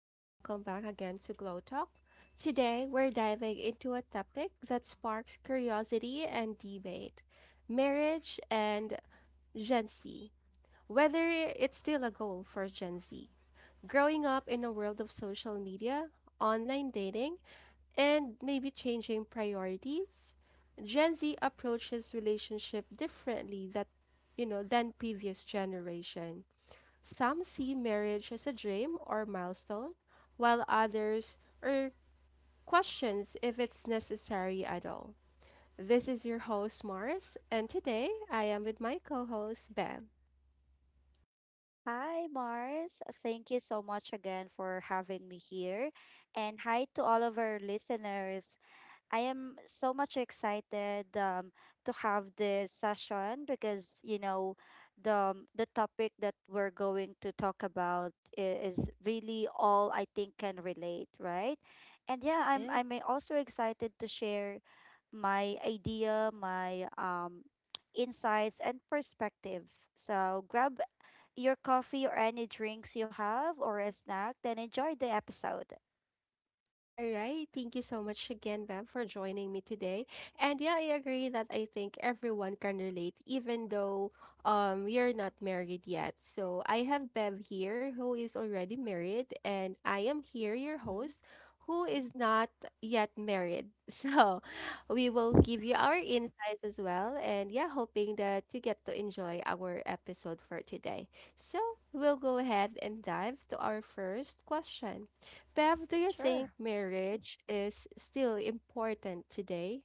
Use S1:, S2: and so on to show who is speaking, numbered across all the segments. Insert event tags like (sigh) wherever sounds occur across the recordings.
S1: and welcome back again to Glow Talk. Today, we're diving into a topic that sparks curiosity and debate, marriage and Gen Z. Whether it's still a goal for Gen Z. Growing up in a world of social media, online dating, and maybe changing priorities, Gen Z approaches relationship differently that than previous generation. Some see marriage as a dream or milestone, while others are questions if it's necessary at all. This is your host Mars, and today I am with my co-host Ben.
S2: Hi, Mars. Thank you so much again for having me here. And hi to all of our listeners. I am so much excited to have this session because, you know, the topic that we're going to talk about is really all I think can relate, right? And yeah, I'm,
S1: Yes.
S2: I'm also excited to share my idea, my insights, and perspective. So grab your coffee or any drinks you have or a snack, then enjoy the episode.
S1: All right. Thank you so much again, Bev, for joining me today. And yeah, I agree that I think everyone can relate, even though you're not married yet. So I have Bev here who is already married, and I am here, your
S2: Mm-hmm.
S1: host, who is not yet married. (laughs) So we will give you our insights as well. And yeah, hoping that you get to enjoy our episode for today. So we'll go ahead and dive to our first question. Bev, do you think
S2: Sure.
S1: marriage is still important today?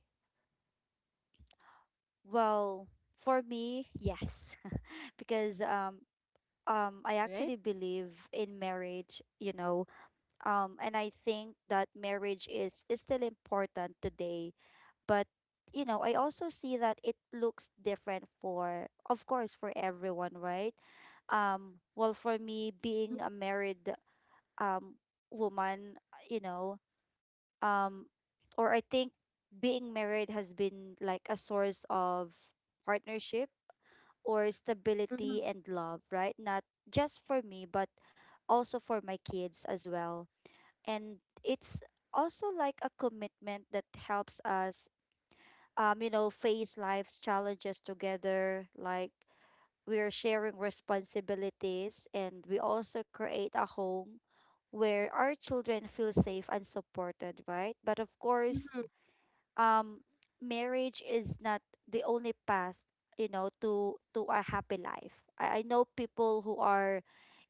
S2: Well, for me, yes, (laughs) because I
S1: Right?
S2: actually believe in marriage, you know, and I think that marriage is still important today, but you know, I also see that it looks different for, of course, for everyone, right? Well, for me, being a married, um woman, you know, um or I think being married has been like a source of partnership or
S1: Mhm.
S2: stability and love, right? Not just for me but also for my kids as well. And it's also like a commitment that helps us, you know, face life's challenges together. Like, we are sharing responsibilities and we also create a home where our children feel safe and supported, right? But of course,
S1: Mhm.
S2: um, marriage is not the only path, you know, to a happy life. I know people who are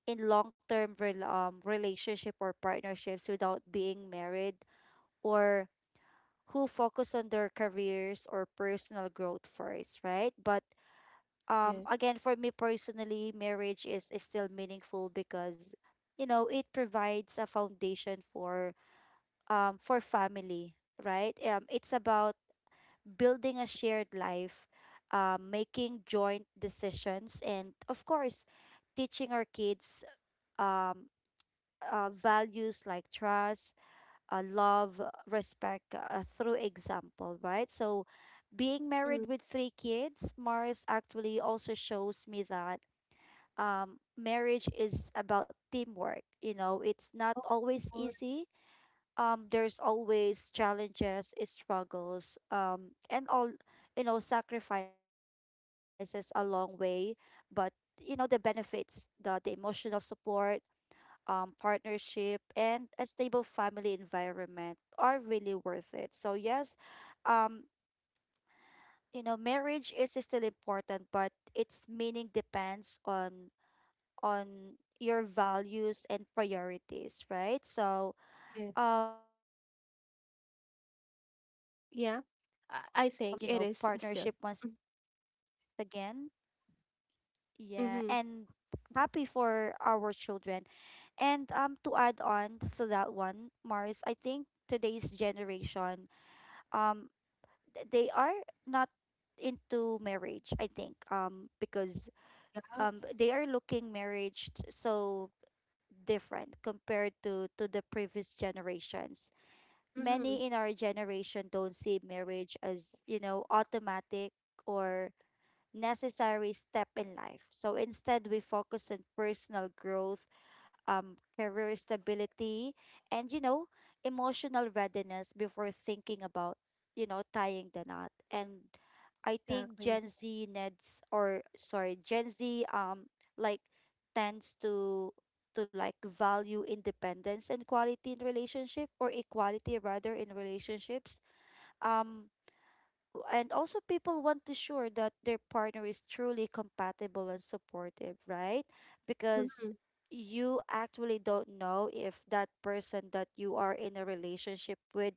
S2: in long term relationship or partnerships without being married, or who focus on their careers or personal growth first, right? But
S1: Yes.
S2: again, for me personally, marriage is still meaningful because, you know, it provides a foundation for family, right? It's about building a shared life, making joint decisions, and of course teaching our kids um values like trust, love, respect, through example, right? So, being
S1: Mhm.
S2: married with three kids, Mars, actually also shows me that, marriage is about teamwork. You know, it's not
S1: Of
S2: always
S1: course,
S2: easy. There's always challenges, struggles, and all, you know, sacrifices along way. But you know, the benefits, the emotional support, partnership, and a stable family environment are really worth it. So, yes, um, you know, marriage is still important, but its meaning depends on your values and priorities, right? So,
S1: yes.
S2: well, it's
S1: Yeah.
S2: still about
S1: I
S2: love
S1: think it is
S2: and, you
S1: still.
S2: know, partnership once again. Yeah.
S1: Mm-hmm.
S2: And happy for our children. And to add on to that one, Mars, I think today's generation, um they are not into marriage, I think, because
S1: Ah,
S2: they are looking marriage so different compared to the previous generations.
S1: mhm.
S2: Many in our generation don't see marriage as, you know, automatic or necessary step in life. So instead, we focus on personal growth, career stability, and, you know, emotional readiness before thinking about, you know, tying the knot. And I think
S1: Exactly.
S2: Gen Z needs, or sorry, Gen Z, like, tends to like value independence and quality in relationship, or equality rather, in relationships. Um and also people want to sure that their partner is truly compatible and supportive, right? Because
S1: Mhm.
S2: you actually don't know if that person that you are in a relationship with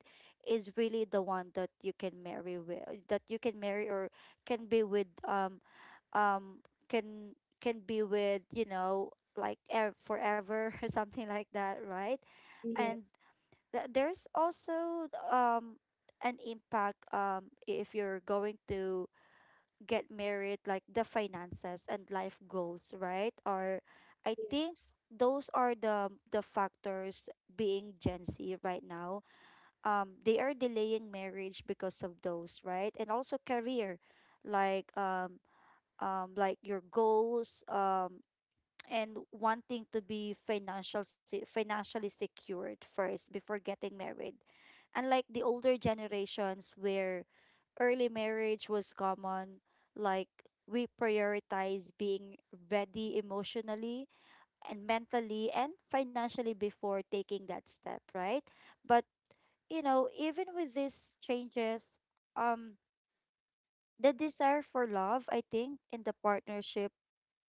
S2: is really the one that you can marry with, that you can marry, or can be with, um can can be with, you know, like forever (laughs) or something like that, right?
S1: Yes.
S2: And there's also an impact, if you're going to get married, like the finances and life goals, right? Or I think
S1: Yes.
S2: those are the factors being Gen Z right now. They are delaying marriage because of those, right? And also career, like um like your goals, and wanting to be financially secured first before getting married. Unlike the older generations where early marriage was common, like, we prioritize being ready emotionally and mentally and financially before taking that step, right? But you know, even with these changes, um the desire for love, I think, in the partnership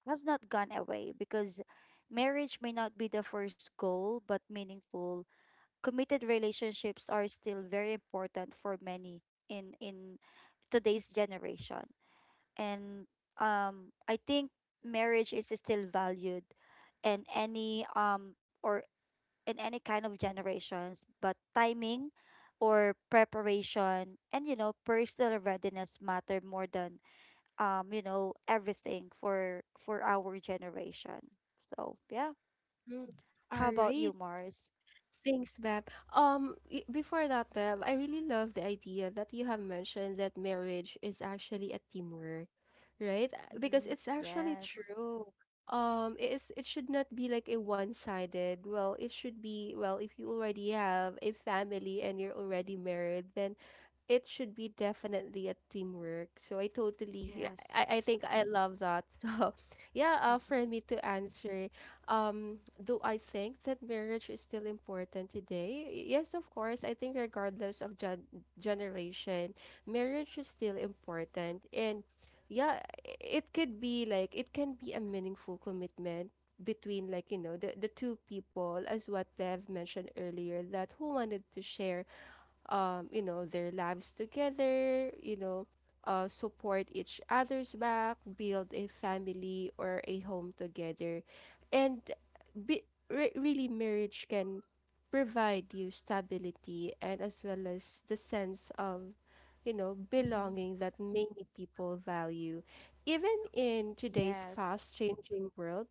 S2: has not gone away, because marriage may not be the first goal, but meaningful, committed relationships are still very important for many in today's generation. And I think marriage is still valued in any or in any kind of generations, but timing or preparation and, you know, personal readiness matter more than, you know, everything for our generation. So yeah,
S1: Mhm.
S2: how
S1: All
S2: about you,
S1: right.
S2: Mars?
S1: Thanks, Beb. Before that, Beb, I really love the idea that you have mentioned that marriage is actually a teamwork, right? Because
S2: Mm-hmm.
S1: it's actually
S2: Yes.
S1: true. It is, it should not be like a one-sided. Well, it should be, well, if you already have a family and you're already married, then it should be definitely a teamwork. So I totally,
S2: Yes.
S1: I think I love that. (laughs) So yeah,
S2: Mm-hmm.
S1: for me to answer um, do I think that marriage is still important today? Yes, of course. I think regardless of generation, marriage is still important. And yeah, it could be like it can be a meaningful commitment between like you know the two people as what Bev mentioned earlier that who wanted to share you know, their lives together, you know, support each other's back, build a family or a home together. And really, marriage can provide you stability and as well as the sense of, you know,
S2: Mm-hmm.
S1: belonging that many people value. Even in today's
S2: Yes.
S1: fast changing world,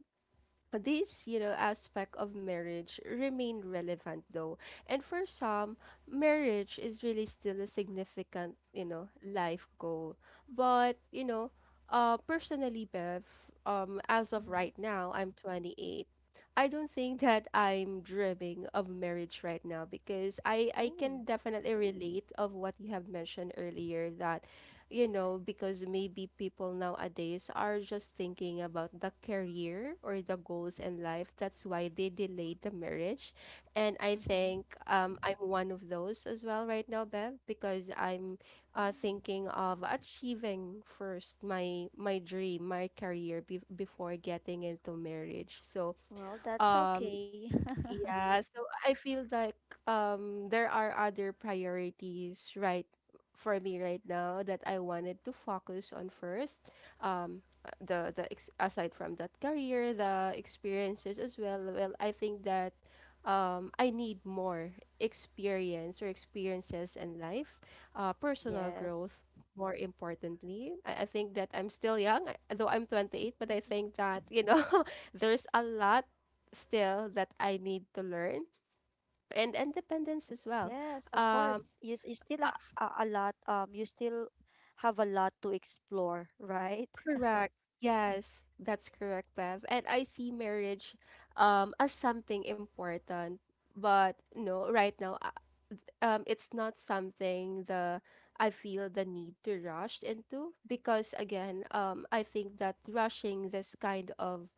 S1: this, you know, aspect of marriage remain relevant though. And for some, marriage is really still a significant, you know, life goal. But, you know, uh, personally, Bev, um, as of
S2: Mm-hmm.
S1: right now, I'm 28. I don't think that I'm dreaming of marriage right now because I
S2: Oh.
S1: can definitely relate of what you have mentioned earlier that you know, because maybe people nowadays are just thinking about the career or the goals in life. That's why they delayed the marriage. And I
S2: Mm-hmm.
S1: think I'm one of those as well right now, Bev, because I'm
S2: Mm.
S1: thinking of achieving first my dream, my career before getting into marriage. So
S2: Well, that's
S1: um,
S2: okay.
S1: yeah, so I feel like there are other priorities right for me right now that I wanted to focus on first. The the ex aside from that career, the experiences as well. Well, I think that I need more experience or experiences in life, uh,
S2: (laughs)
S1: personal
S2: Yes.
S1: growth more importantly. I think that I'm still young, though I'm 28, but I think that, you know, (laughs) there's a lot still that I need to learn, and independence
S2: Yes,
S1: as
S2: of
S1: well.
S2: course, you, s-
S1: Um,
S2: you still ha- a lot you still have a lot to explore, right? (laughs)
S1: correct. Yes, that's correct, Bev. And I see marriage um, as something important, but no, right now, it's not something the I feel the need to rush into because again, I think that rushing this kind of,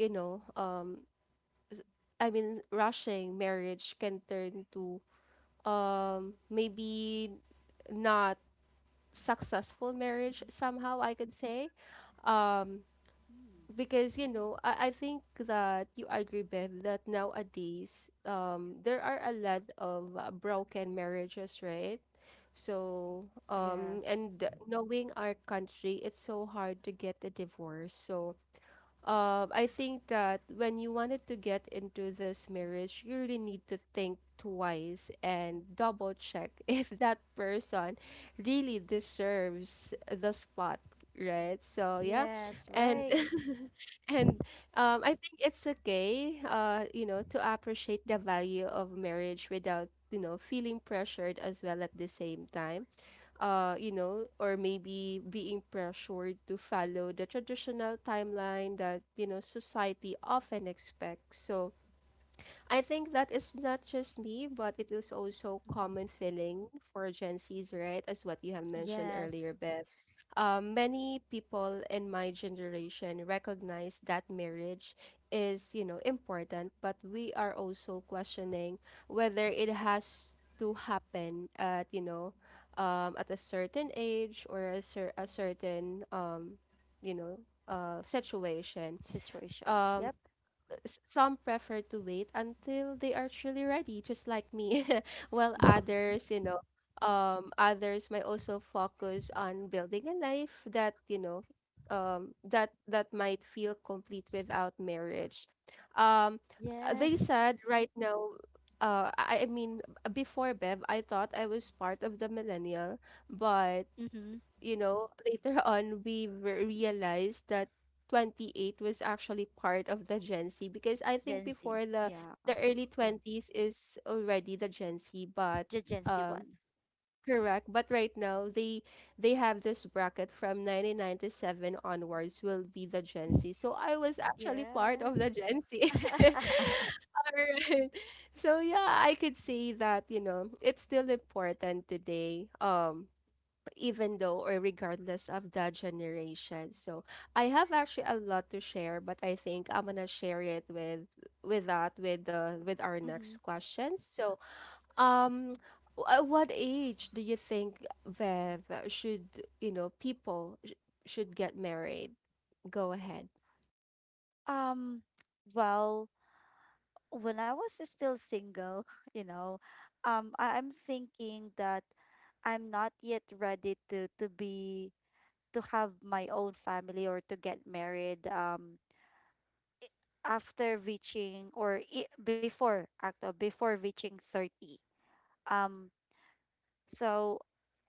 S1: you know, s- I mean, rushing marriage can turn to um, maybe not
S2: Mm-hmm.
S1: successful marriage somehow I could say, um, because you know I think that you agree Bev that nowadays um, there are a lot of broken marriages, right? So um,
S2: Yes,
S1: and knowing our country it's so hard to get a divorce. So I think that when you wanted to get into this marriage, you really need to think twice and double check (laughs) if that person really deserves the spot, right? So yeah,
S2: yes.
S1: and
S2: Right. (laughs)
S1: (laughs) and I think it's okay, you know, to appreciate the value of marriage without you know feeling pressured as well at the same time, you know, or maybe being pressured to follow the traditional timeline that, you know, society often expects. So, I think that is not just me, but it is also common
S2: Mm-hmm.
S1: feeling for Gen Zs, right? As what you have mentioned earlier,
S2: Yes.
S1: Beth. Many people in my generation recognize that marriage is, you know, important, but we are also questioning whether it has to happen at, you know, at a certain age or a, a certain, you know, situation.
S2: Situation.
S1: Um,
S2: Yep.
S1: some prefer to wait until they are truly ready, just like me. (laughs) While
S2: Mhm.
S1: others, you know, others might also focus on building a life that, you know, that might feel complete without marriage. Um, they
S2: Yes.
S1: said right now, I mean, before Bev, I thought I was part of the millennial, but
S2: Mm-hmm.
S1: you know, later (laughs) on we realized that 28 was actually part of the Gen Z because I think
S2: Gen Z.
S1: before
S2: Yeah.
S1: the early 20s is already the Gen Z, but
S2: The Gen Z
S1: um,
S2: one.
S1: correct, but right now they have this bracket from 1997 onwards will be the Gen
S2: (laughs)
S1: Z. So I was actually part
S2: Yes.
S1: of the Gen Z. (laughs)
S2: (laughs)
S1: All right. So yeah, I could say that, you know, it's still important today. Um, even though or regardless of the generation. So I have actually a lot to share, but I think I'm gonna share it with that with the with our
S2: Mhm.
S1: next question. So um at what age do you think Vev should, you know, should get married? Go ahead.
S2: Um, well, when I was still single, (laughs) you know, I'm thinking that I'm not yet ready to have my own family or to get married. After reaching, before, actually, before reaching 30. Um, So,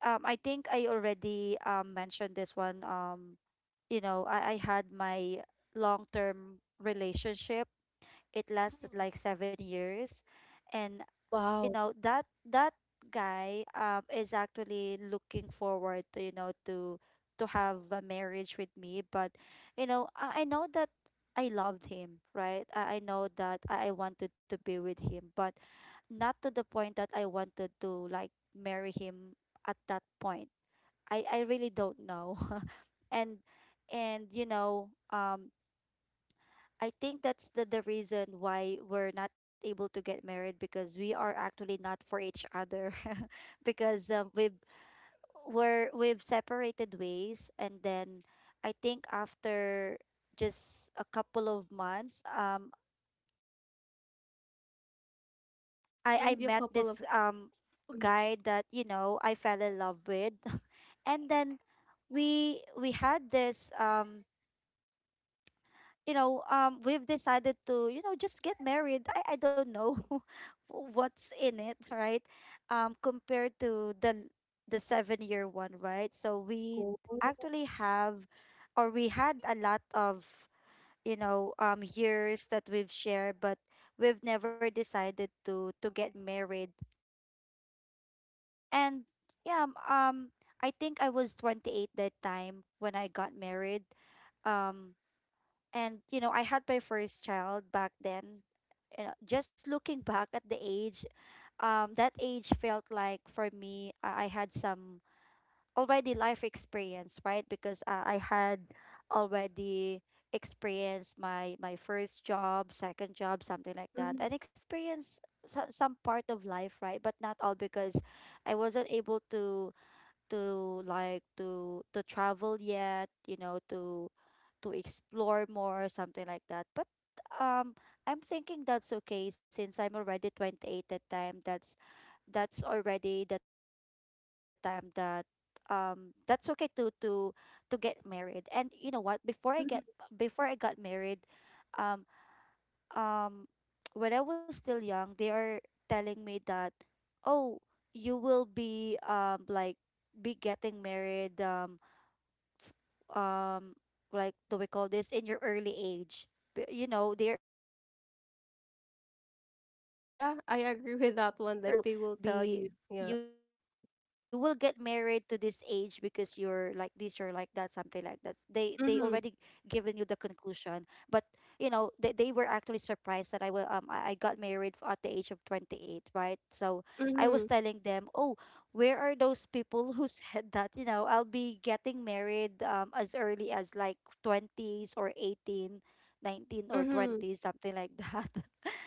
S2: um, I think I already mentioned this one. You know, I had my long term relationship. It lasted
S1: Mhm.
S2: like 7 years, and you
S1: Wow.
S2: know that that guy is actually looking forward to, you know, to have a marriage with me, but you know I know that I loved him, right? I know that I wanted to be with him, but not to the point that I wanted to like marry him. At that point, I really don't know. (laughs) and and you know I think that's the reason why we're not able to get married, because we are actually not for each other. (laughs) Because we've separated ways. And then I think after just a couple of months, I
S1: Mm-hmm.
S2: met
S1: The
S2: this
S1: couple of. Mhm.
S2: guy that, you know, I fell in love with. (laughs) And then we had this, you know, we've decided to, you know, just get married. I don't know (laughs) what's in it, right? Compared to the 7-year one, right? So we
S1: Oh.
S2: actually have, or we had a lot of, you know, years that we've shared, but we've never decided to get married. And yeah, I think I was 28 that time when I got married. Um, and you know, I had my first child back then. You know, just looking (laughs) back at the age, that age felt like, for me, I had some already life experience, right? Because I had already experienced my first job, second job, something like that,
S1: Mhm.
S2: and experienced some part of life, right? But not all because I wasn't able to like to travel yet, you know, to explore more, something like that. But um, I'm thinking that's okay since I'm already 28 that time. That's already the time that, that's okay to get married. And you know what? Before I get
S1: Mhm.
S2: before I got married, um um when I was still young, they are telling me that, oh, you will be, like, be getting married, um like, do we call this, in your early age, you know, they're already like (laughs) giving
S1: Yeah,
S2: conclusion.
S1: I agree with
S2: Like,
S1: that one. Like they will tell you. Yeah.
S2: be you will get married to this age because you're like this, you're like that, something like that. They
S1: Mm-hmm.
S2: already given you the conclusion. But you know, they were actually surprised that I will I got married at the age of 28, right? So I was
S1: Mm-hmm.
S2: telling them, oh, where are those people who said that, you know, I'll be getting married, as early as like 20s or 18, 19 or
S1: Mm-hmm.
S2: 20 something like that. (laughs)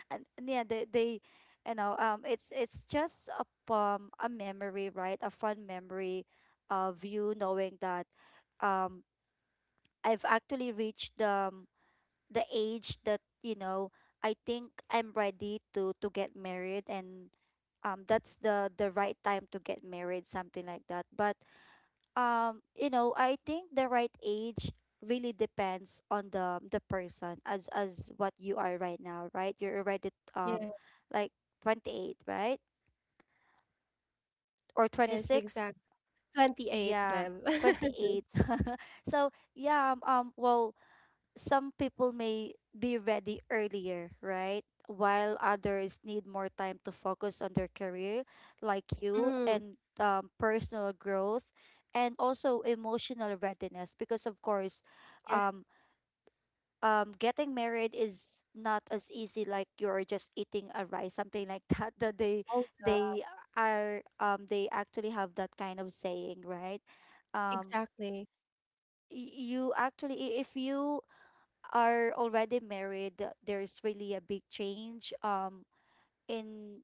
S2: And yeah, they you know it's just a memory, right? A fun memory of you knowing that um I've actually reached the, the age that, you know, I think I'm ready to get married. And that's the right time to get married, something like that. But you know, I think the right age really depends on the person as what you are right now, right? You're already, like, 28, right? Or
S1: Yes,
S2: 26.
S1: exactly. 28,
S2: Yeah,
S1: Bev. (laughs)
S2: 28. (laughs) So, yeah, well, some people may be ready earlier, right? While others need more time to focus on their career, like you,
S1: Mm,
S2: and personal growth, and also emotional readiness. Because of course,
S1: yeah.
S2: um, getting married is not as easy, like you're just eating a rice, something like that. (laughs) That
S1: Oh, yeah.
S2: they they actually have that kind of saying, right? Um,
S1: Exactly.
S2: you actually, if you are already married, there's really a big change in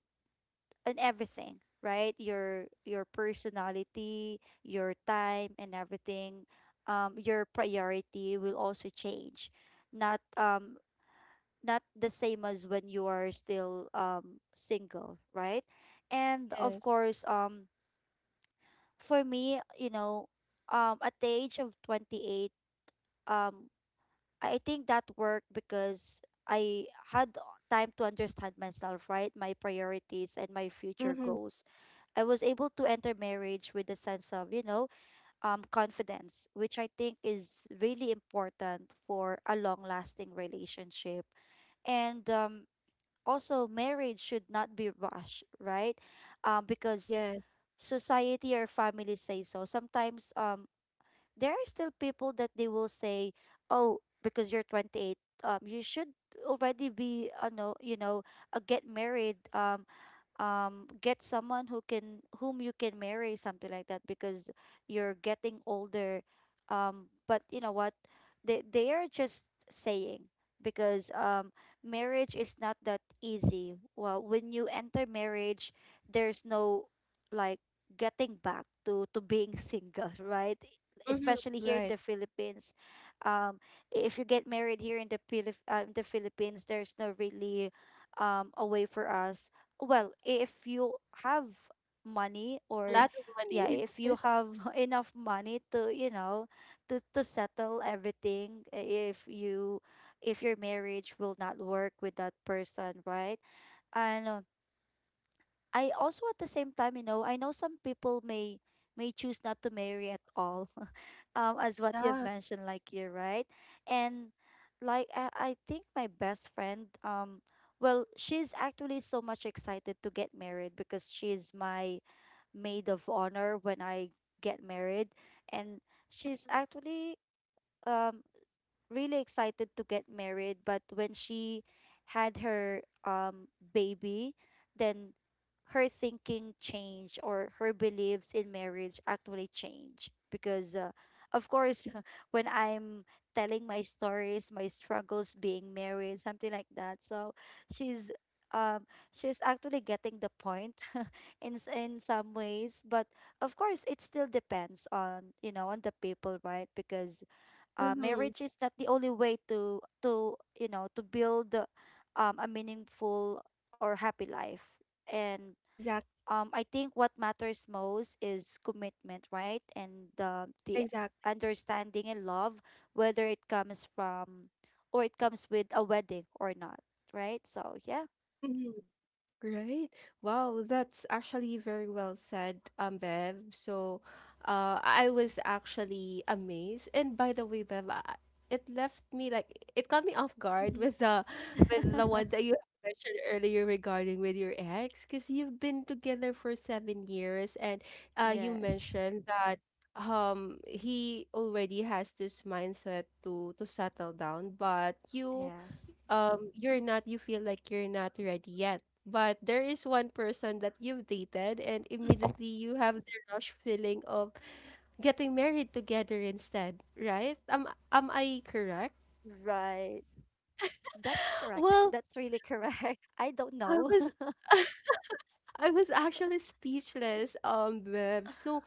S2: in everything, right? Your personality, your time and everything, your priority will also change. Not um not the same as when you are still single, right? And of
S1: Yes.
S2: course, for me, at the age of 28, um I think that worked because I had time to understand myself, right? My priorities and my future
S1: Mhm.
S2: goals. I was able to enter marriage with a sense of confidence, which I think is really important for a long lasting relationship. And also, marriage should not be rushed, right? Because
S1: Yes.
S2: society or family say so. Sometimes there are still people that they will say, "Oh, because you're 28, you should already be, no, get married. Get someone who can whom you can marry, something like that, because you're getting older, but you know what, they are just saying because marriage is not that easy. Well, when you enter marriage there's no, like, getting back to being single (laughs) right?
S1: Mhm.
S2: Especially here in
S1: Right.
S2: the Philippines. um if you get married here in the philip the Philippines, there's no really a way for us. Well, if you have money
S1: A
S2: or—
S1: lot of
S2: yeah,
S1: money.
S2: if
S1: (laughs)
S2: you have (laughs) enough money to, you know, to settle everything if you— if your marriage will not work with that person, right? And I also, at the same time, you know, I know some people may— choose not to marry at all, (laughs) as what you've
S1: Yeah.
S2: mentioned, like, you're right. And like I think my best friend, well, she's actually so much excited to get married because she's my maid of honor when I get married, and she's
S1: Mhm.
S2: actually um really excited to get married, but when she had her baby, then her thinking changed, or her beliefs in marriage actually changed because, of course (laughs) when I'm telling my stories, my struggles being married, something like that. So she's she's actually getting the point (laughs) in in some ways, but of course it still depends on, you know, on the people, right? Because,
S1: Mhm.
S2: marriage is not the only way to— to build a meaningful or happy life. And,
S1: Exact
S2: I think what matters most is commitment, right? And the
S1: exactly.
S2: understanding and love, whether it comes from— or it comes with a wedding or not, right? So, yeah.
S1: Mhm. Right. Wow, that's actually very well said, Bev. So, I was actually amazed. And by the way, Bev, I, it left me like it caught me off guard
S2: Hmm.
S1: with the (laughs) with the one
S2: (laughs)
S1: that you (laughs) mentioned earlier regarding with your ex, because you've been together for 7 years, and you
S2: Yes,
S1: mentioned that um, he already has this mindset to settle down, but you
S2: yes.
S1: um, you feel like you're not ready yet but there is one person that you've dated and immediately you have the rush feeling of getting married together instead, right? Am I
S2: Right,
S1: correct?
S2: that's correct. That's really
S1: Well,
S2: correct. (laughs) I don't know.
S1: I was (laughs) I was actually speechless, Bev. So,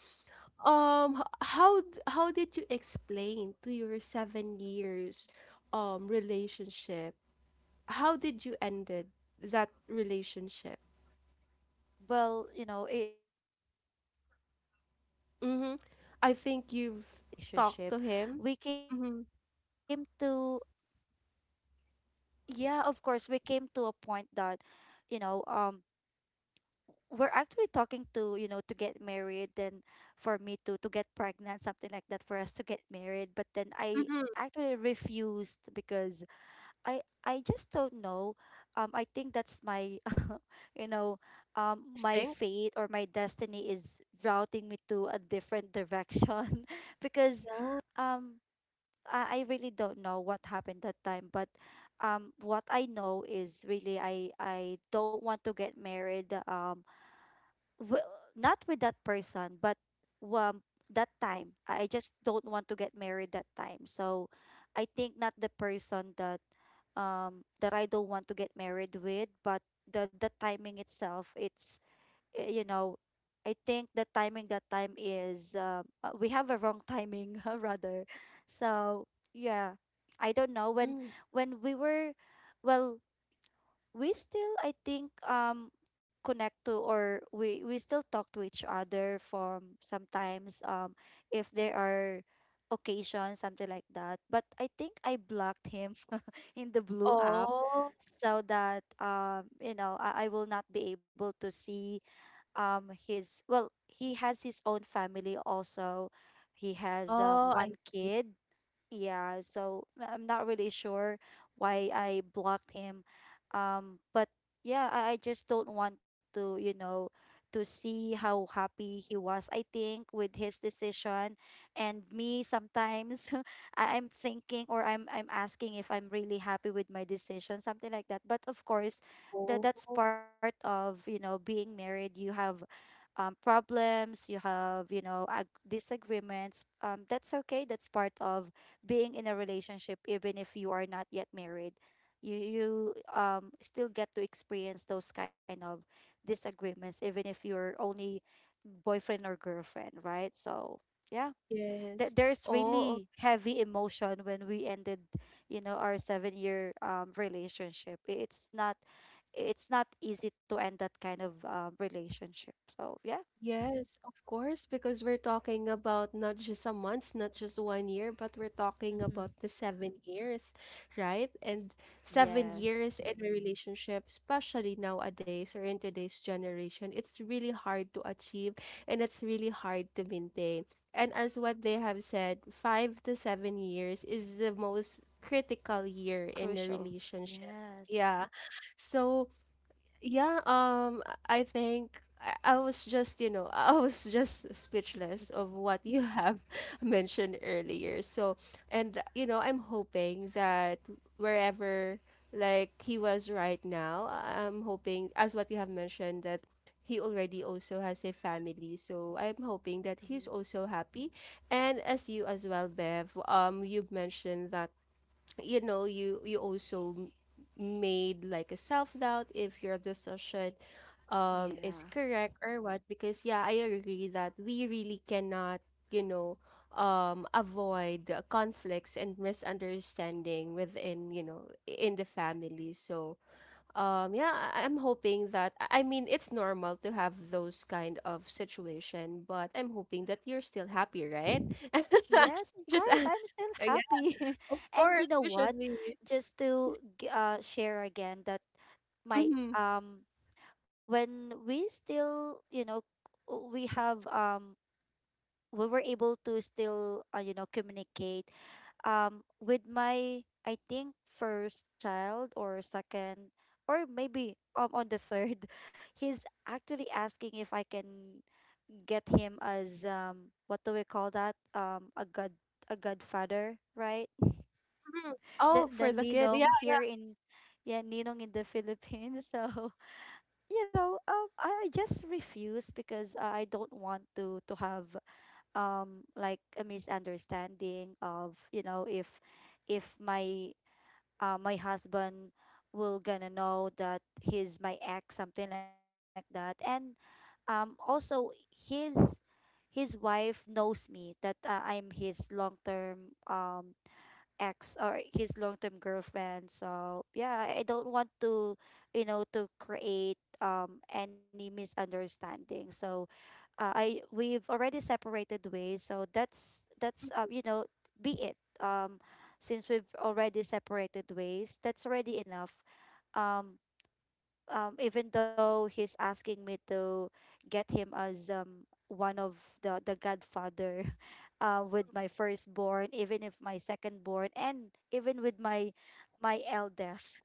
S1: how did you explain to your 7 years, relationship? How did you ended that relationship?
S2: Well, you know, it's really hard that time
S1: Mm-hmm.
S2: to
S1: I
S2: end our
S1: think you've
S2: relationship.
S1: talked to
S2: We
S1: him.
S2: came to—
S1: Mm-hmm.
S2: yeah, of course, we came to a point that, you know, we're actually talking to, you know, to get married, and for me to get pregnant, something like that, for us to get married, but then I
S1: Mm-hmm.
S2: actually refused because I just don't know. I think that's my, (laughs) you know, my
S1: Instinct.
S2: fate or my destiny is routing me to a different direction, (laughs) because,
S1: Yeah.
S2: um, I really don't know what happened that time. But, what I know is really I don't want to get married. W- Not with that person, but, um, that time. I just don't want to get married that time. So I think not the person that I don't want to get married with, but the timing itself. It's, you know, I think the timing that time is we have a wrong timing (laughs) rather. So, yeah, I don't know when—
S1: Mm.
S2: we were— well, we still, I think, connect to, or we still talk to each other from sometimes, if there are occasions, something like that, but I think I blocked him (laughs) in the blue app
S1: Oh.
S2: so that, you know, I will not be able to see his— well, he has his own family also. He has,
S1: Oh, I
S2: one kid. Yeah, so I'm not really sure why I blocked him. But yeah, I just don't want to, you know, to see how happy he was, I think, with his decision. And me sometimes (laughs) I'm thinking, or I'm asking if I'm really happy with my decision, something like that. But of course, that's
S1: oh
S2: part of, you know, being married. You have, problems, you have, you know, disagreements, that's okay. That's part of being in a relationship, even if you are not yet married. You still get to experience those kind of disagreements, even if you're only boyfriend or girlfriend, right? So, yeah,
S1: yes.
S2: there's
S1: Oh.
S2: really heavy emotion when we ended, you know, our 7-year relationship. It's not easy to end that kind of, relationship. So, yeah.
S1: Yes, of course, because we're talking about not just a month, not just one year, but we're talking
S2: Mm-hmm.
S1: about the 7 years, right? And seven
S2: Yes.
S1: years in a relationship, especially nowadays or in today's generation, it's really hard to achieve and it's really hard to maintain. And as what they have said, 5 to 7 years is the most critical year in a
S2: Crucial.
S1: relationship.
S2: Yes.
S1: Yeah. So yeah, I think I was just, you know, (laughs) I was just
S2: Mm,
S1: speechless of what you have (laughs) mentioned earlier. So, and, you know, I'm hoping that wherever like he was right now, I'm hoping, as what you have mentioned, that he already also has a family. So I'm hoping that
S2: mm-hmm.
S1: he's also happy. And as you as well, Bev, you mentioned that you know you also made like a self-doubt if your decision um,
S2: Yeah.
S1: is correct or what, because yeah, I agree that we really cannot, you know, um, avoid conflicts and misunderstanding within, you know, in the family. So um, yeah, I'm hoping that I mean it's normal to have those kind of situation but I'm hoping that you're still happy, right? (laughs)
S2: Yes, of
S1: Just
S2: course. I'm still
S1: yeah,
S2: happy.
S1: of
S2: (laughs) And you
S1: course
S2: know
S1: we
S2: what?
S1: should be.
S2: Just to share again that my—
S1: Mhm.
S2: um when we still, you know, we have— we were able to still, you know, communicate with my, I think, first child or second, or maybe on the third, (laughs) he's actually asking if I can get him as, what do we call that, a godfather, right?
S1: Mhm.
S2: (laughs) The
S1: Oh, for the kid. Yeah.
S2: ninong here in— yeah, ninong in the Philippines (laughs) so, you know, I just refuse because, I don't want to have like a misunderstanding of, you know, if my, my husband will gonna know that he's my ex, something like that, and also his his wife knows me that, I'm his long-term ex or his long-term girlfriend, so yeah, I don't want to, you know, to create any misunderstanding. So, I we've already separated ways, so that's you know, be it. Since we've already separated ways, that's already enough. Um, Even though he's asking me to get him as, one of the godfather, (laughs) with my firstborn, even if my secondborn, and even with my eldest—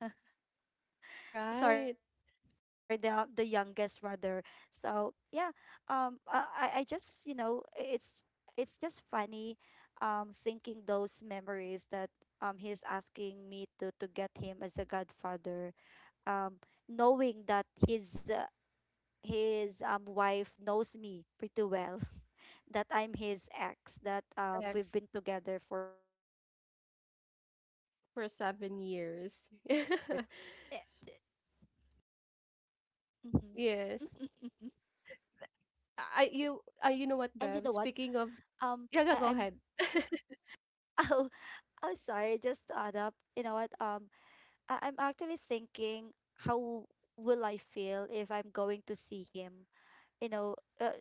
S2: sorry,
S1: Right.
S2: the youngest rather. So, yeah, I just, you know, it's it's just funny, thinking those memories, that he's asking me to get him as a godfather, um knowing that his— his wife knows me pretty well (laughs) that I'm his ex, that, we've
S1: Ex
S2: been together for 7 years, so yeah.
S1: for 7 years.
S2: Eh,
S1: (laughs)
S2: mhm. (laughs)
S1: Yes. I
S2: And you know
S1: you
S2: what?
S1: I you know what, Bev?
S2: um
S1: Speaking of,
S2: I'm
S1: yeah, go go ahead. (laughs)
S2: (laughs) oh, oh, sorry. Just to add up, you know what? I'm actually thinking how will I feel if I'm going to see him, you know,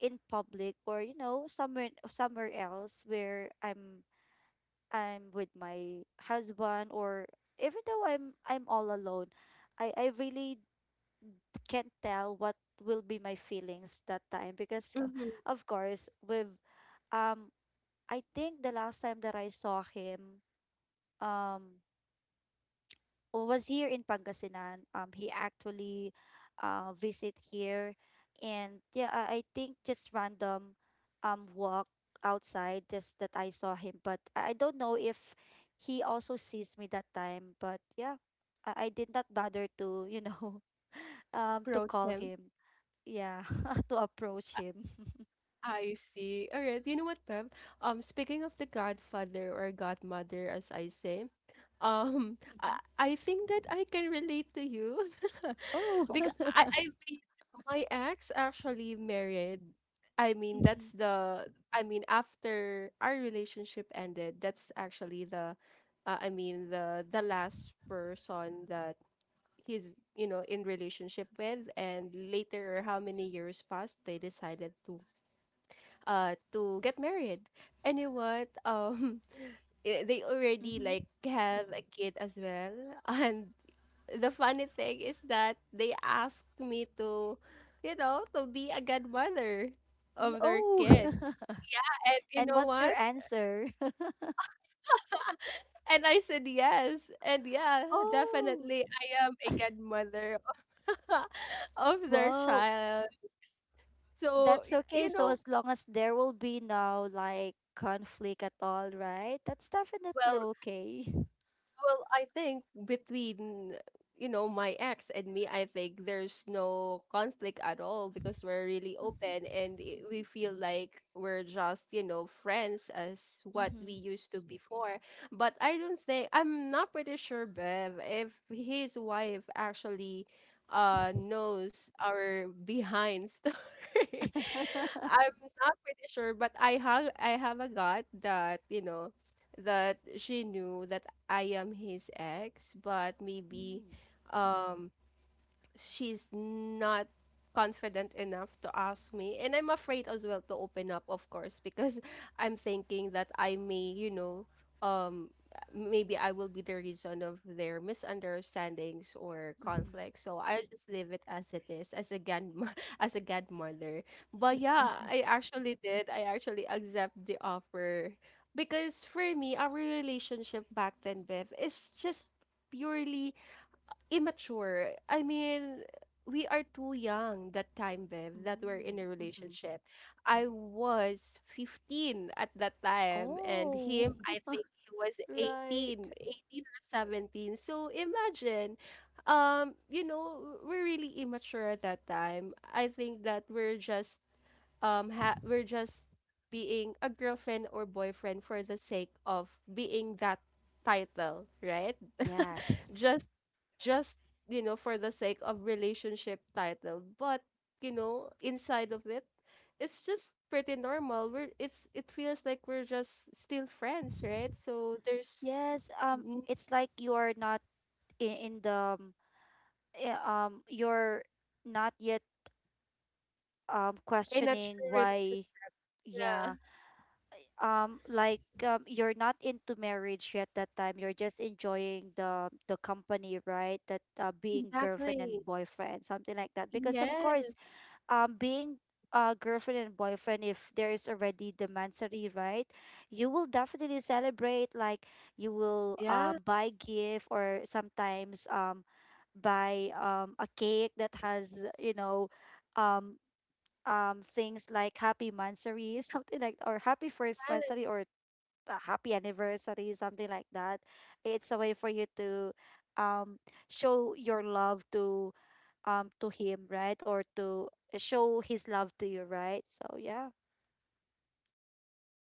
S2: in public, or you know, somewhere else where I'm with my husband, or even though I'm all alone, I really can't tell what will be my feelings that time because
S1: Hmm.
S2: (laughs) of course with— um I think the last time that I saw him. Um, was here in Pangasinan. He actually, visit here, and yeah, I think just random walk outside just that I saw him. But I don't know if he also sees me that time. But yeah, I did not bother to, you know, (laughs) to
S1: Approach
S2: call
S1: him.
S2: him. Yeah, (laughs) to approach him.
S1: I see. All right. You know what, Bev? Speaking of the godfather or godmother, as I say, um, (laughs)
S2: Mhm.
S1: I, I think that I can relate to you
S2: Oh.
S1: (laughs) because I
S2: (laughs)
S1: mean, my ex actually married. I mean, that's
S2: Mhm,
S1: the. I mean, after our relationship ended, that's actually the. I mean, the last person that he's in relationship with, and later how many years passed, they decided to get married. And you know what? (laughs) They already like
S2: mhm.
S1: have a kid as well. (laughs) And the funny thing is that they asked me to, to be a godmother of their
S2: Oh.
S1: kid.
S2: (laughs)
S1: And you
S2: And
S1: know
S2: what's your
S1: what?
S2: answer? (laughs)
S1: And I said yes. And yeah,
S2: Oh,
S1: definitely I am a godmother (laughs) of their
S2: wow.
S1: child. So,
S2: That's okay. So, as long as there will be no like conflict at all, right? That's definitely
S1: well,
S2: okay.
S1: Well, I think between my ex and me, I think there's no conflict at all because we're really open and we feel like we're just friends as what we
S2: Mm-hmm.
S1: used to before. But I don't think I'm not pretty sure, Bev, if his wife actually knows our behind story. (laughs)
S2: (laughs)
S1: I'm not pretty sure, but I have a gut that that she knew that I am his ex, but maybe
S2: Mm-hmm.
S1: um she's not confident enough to ask me, and I'm afraid as well to open up, of course, because (laughs) I'm thinking that I may um maybe I will be the reason of their misunderstandings or
S2: Mm-hmm.
S1: conflicts, so I just leave it as it is as a grandma (laughs) as a godmother. But yeah, I actually accept the offer because for me our relationship back then, Bev, is just purely immature. I mean, we are too young that time, Bev, that we're in a
S2: Mm-hmm.
S1: relationship. I was 15 at that time, and
S2: Oh,
S1: him, I think he was eighteen,
S2: right.
S1: eighteen or 17. So imagine, we're really immature at that time. I think that we're just, ha we're just being a girlfriend or boyfriend for the sake of being that title, right?
S2: Yes.
S1: just just for the sake of relationship title, but you know inside of it, it's just pretty normal, we're it's, it feels like we're just still friends, right? So there's
S2: Yes.
S1: n-
S2: It's like you're not in the, um, you're not yet
S1: in a
S2: questioning
S1: true relationship.
S2: why.
S1: Yeah,
S2: Yeah. Like, you're not into marriage yet that time, you're just enjoying the company, right? That, being girlfriend
S1: exactly.
S2: and boyfriend, something like that, because of course
S1: Yes.
S2: being, girlfriend and boyfriend, if there is already the mansary, right? You will definitely celebrate, like, you will
S1: Yeah.
S2: buy gift, or sometimes buy a cake that has, you know, um things like happy mansary (laughs) something like, or happy first mansary, or a happy anniversary, something like that. It's a way for you to um show your love to, to him, right? Or to show his love to you, right? So, yeah.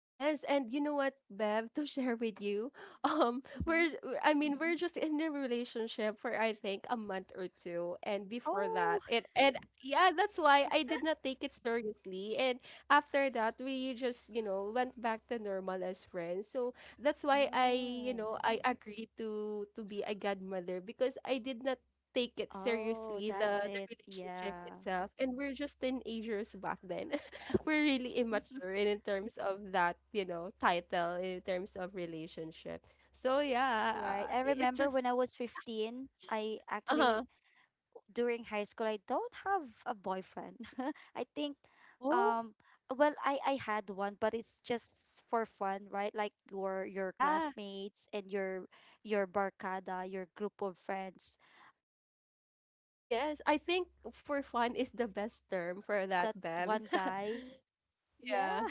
S1: Yes, and you know what, Bev, to (laughs) share with you, (laughs)
S2: Mm-hmm.
S1: we're I mean we're just in a relationship for I think a month or two, and before that,
S2: Oh.
S1: and yeah, that's why I did not take it seriously, and after that we just went back to normal as friends. So that's why I you
S2: Oh.
S1: know I agreed to be a godmother because I did not take it
S2: Oh,
S1: seriously
S2: that's
S1: the
S2: it.
S1: relationship
S2: Yeah.
S1: itself, and we're just teenagers back then. We're really
S2: (laughs)
S1: immature in terms of that, you know, title in terms of relationship. So
S2: Right.
S1: yeah,
S2: I remember
S1: it
S2: when I
S1: just.
S2: was 15, I actually,
S1: Uh-huh.
S2: during high school, I don't have a boyfriend. (laughs) I think,
S1: Oh,
S2: um well, I had one, but it's just for fun, right? Like your
S1: yeah.
S2: classmates and your barcada, your group of friends, is asking
S1: Yes,
S2: you
S1: I think
S2: to,
S1: for
S2: you
S1: fun
S2: know,
S1: is the best
S2: to
S1: term
S2: say
S1: for
S2: yes
S1: that,
S2: to that
S1: Babs.
S2: one
S1: (laughs)
S2: guy. Yeah,
S1: Yeah.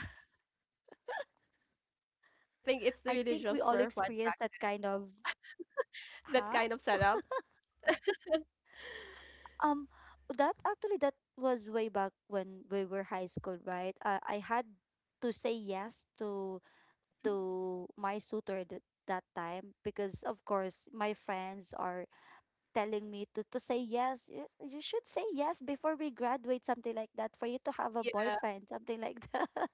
S1: I think it's
S2: (laughs) I
S1: really
S2: think we
S1: just
S2: all
S1: for fun back
S2: experienced that kind of—
S1: that
S2: huh?
S1: kind of setup.
S2: Um, that actually, that was way back when we were high school, right? I had to say yes to my suitor that time because of course my friends are telling me to say yes. You should say yes before we graduate, something like that, for you to have a
S1: Yeah.
S2: boyfriend, something like that. (laughs)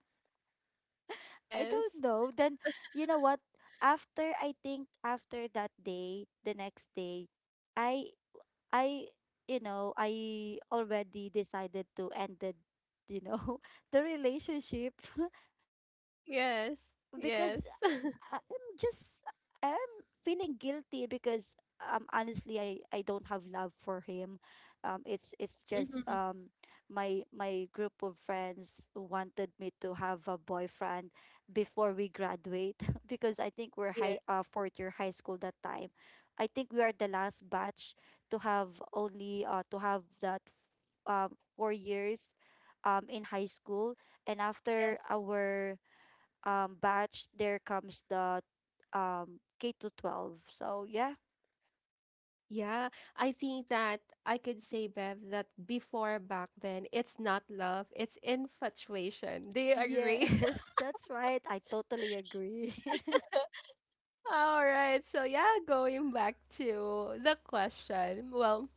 S2: I
S1: Yes.
S2: don't know. Then you know what? After, I think after that day, the next day, i I, you know, I already decided to end the, you know, (laughs) the relationship (laughs) because
S1: Yes.
S2: I-
S1: Yes.
S2: I'm
S1: (laughs)
S2: just I'm feeling guilty because honestly I don't have love for him. It's just
S1: Mhm.
S2: my group of friends wanted me to have a boyfriend before we graduate. (laughs) Because I think we're
S1: Yeah.
S2: high fourth year high school that time. I think we are the last batch to have only to have that 4 years in high school, and after
S1: Yes.
S2: our batch, there comes the K to 12. So yeah.
S1: Yeah, I think that I could say, Bev, that before back then, it's not love, it's infatuation. Do you
S2: Yes,
S1: agree?
S2: (laughs) that's right. I totally agree. (laughs)
S1: (laughs) All right, so yeah, going back to the question. Well,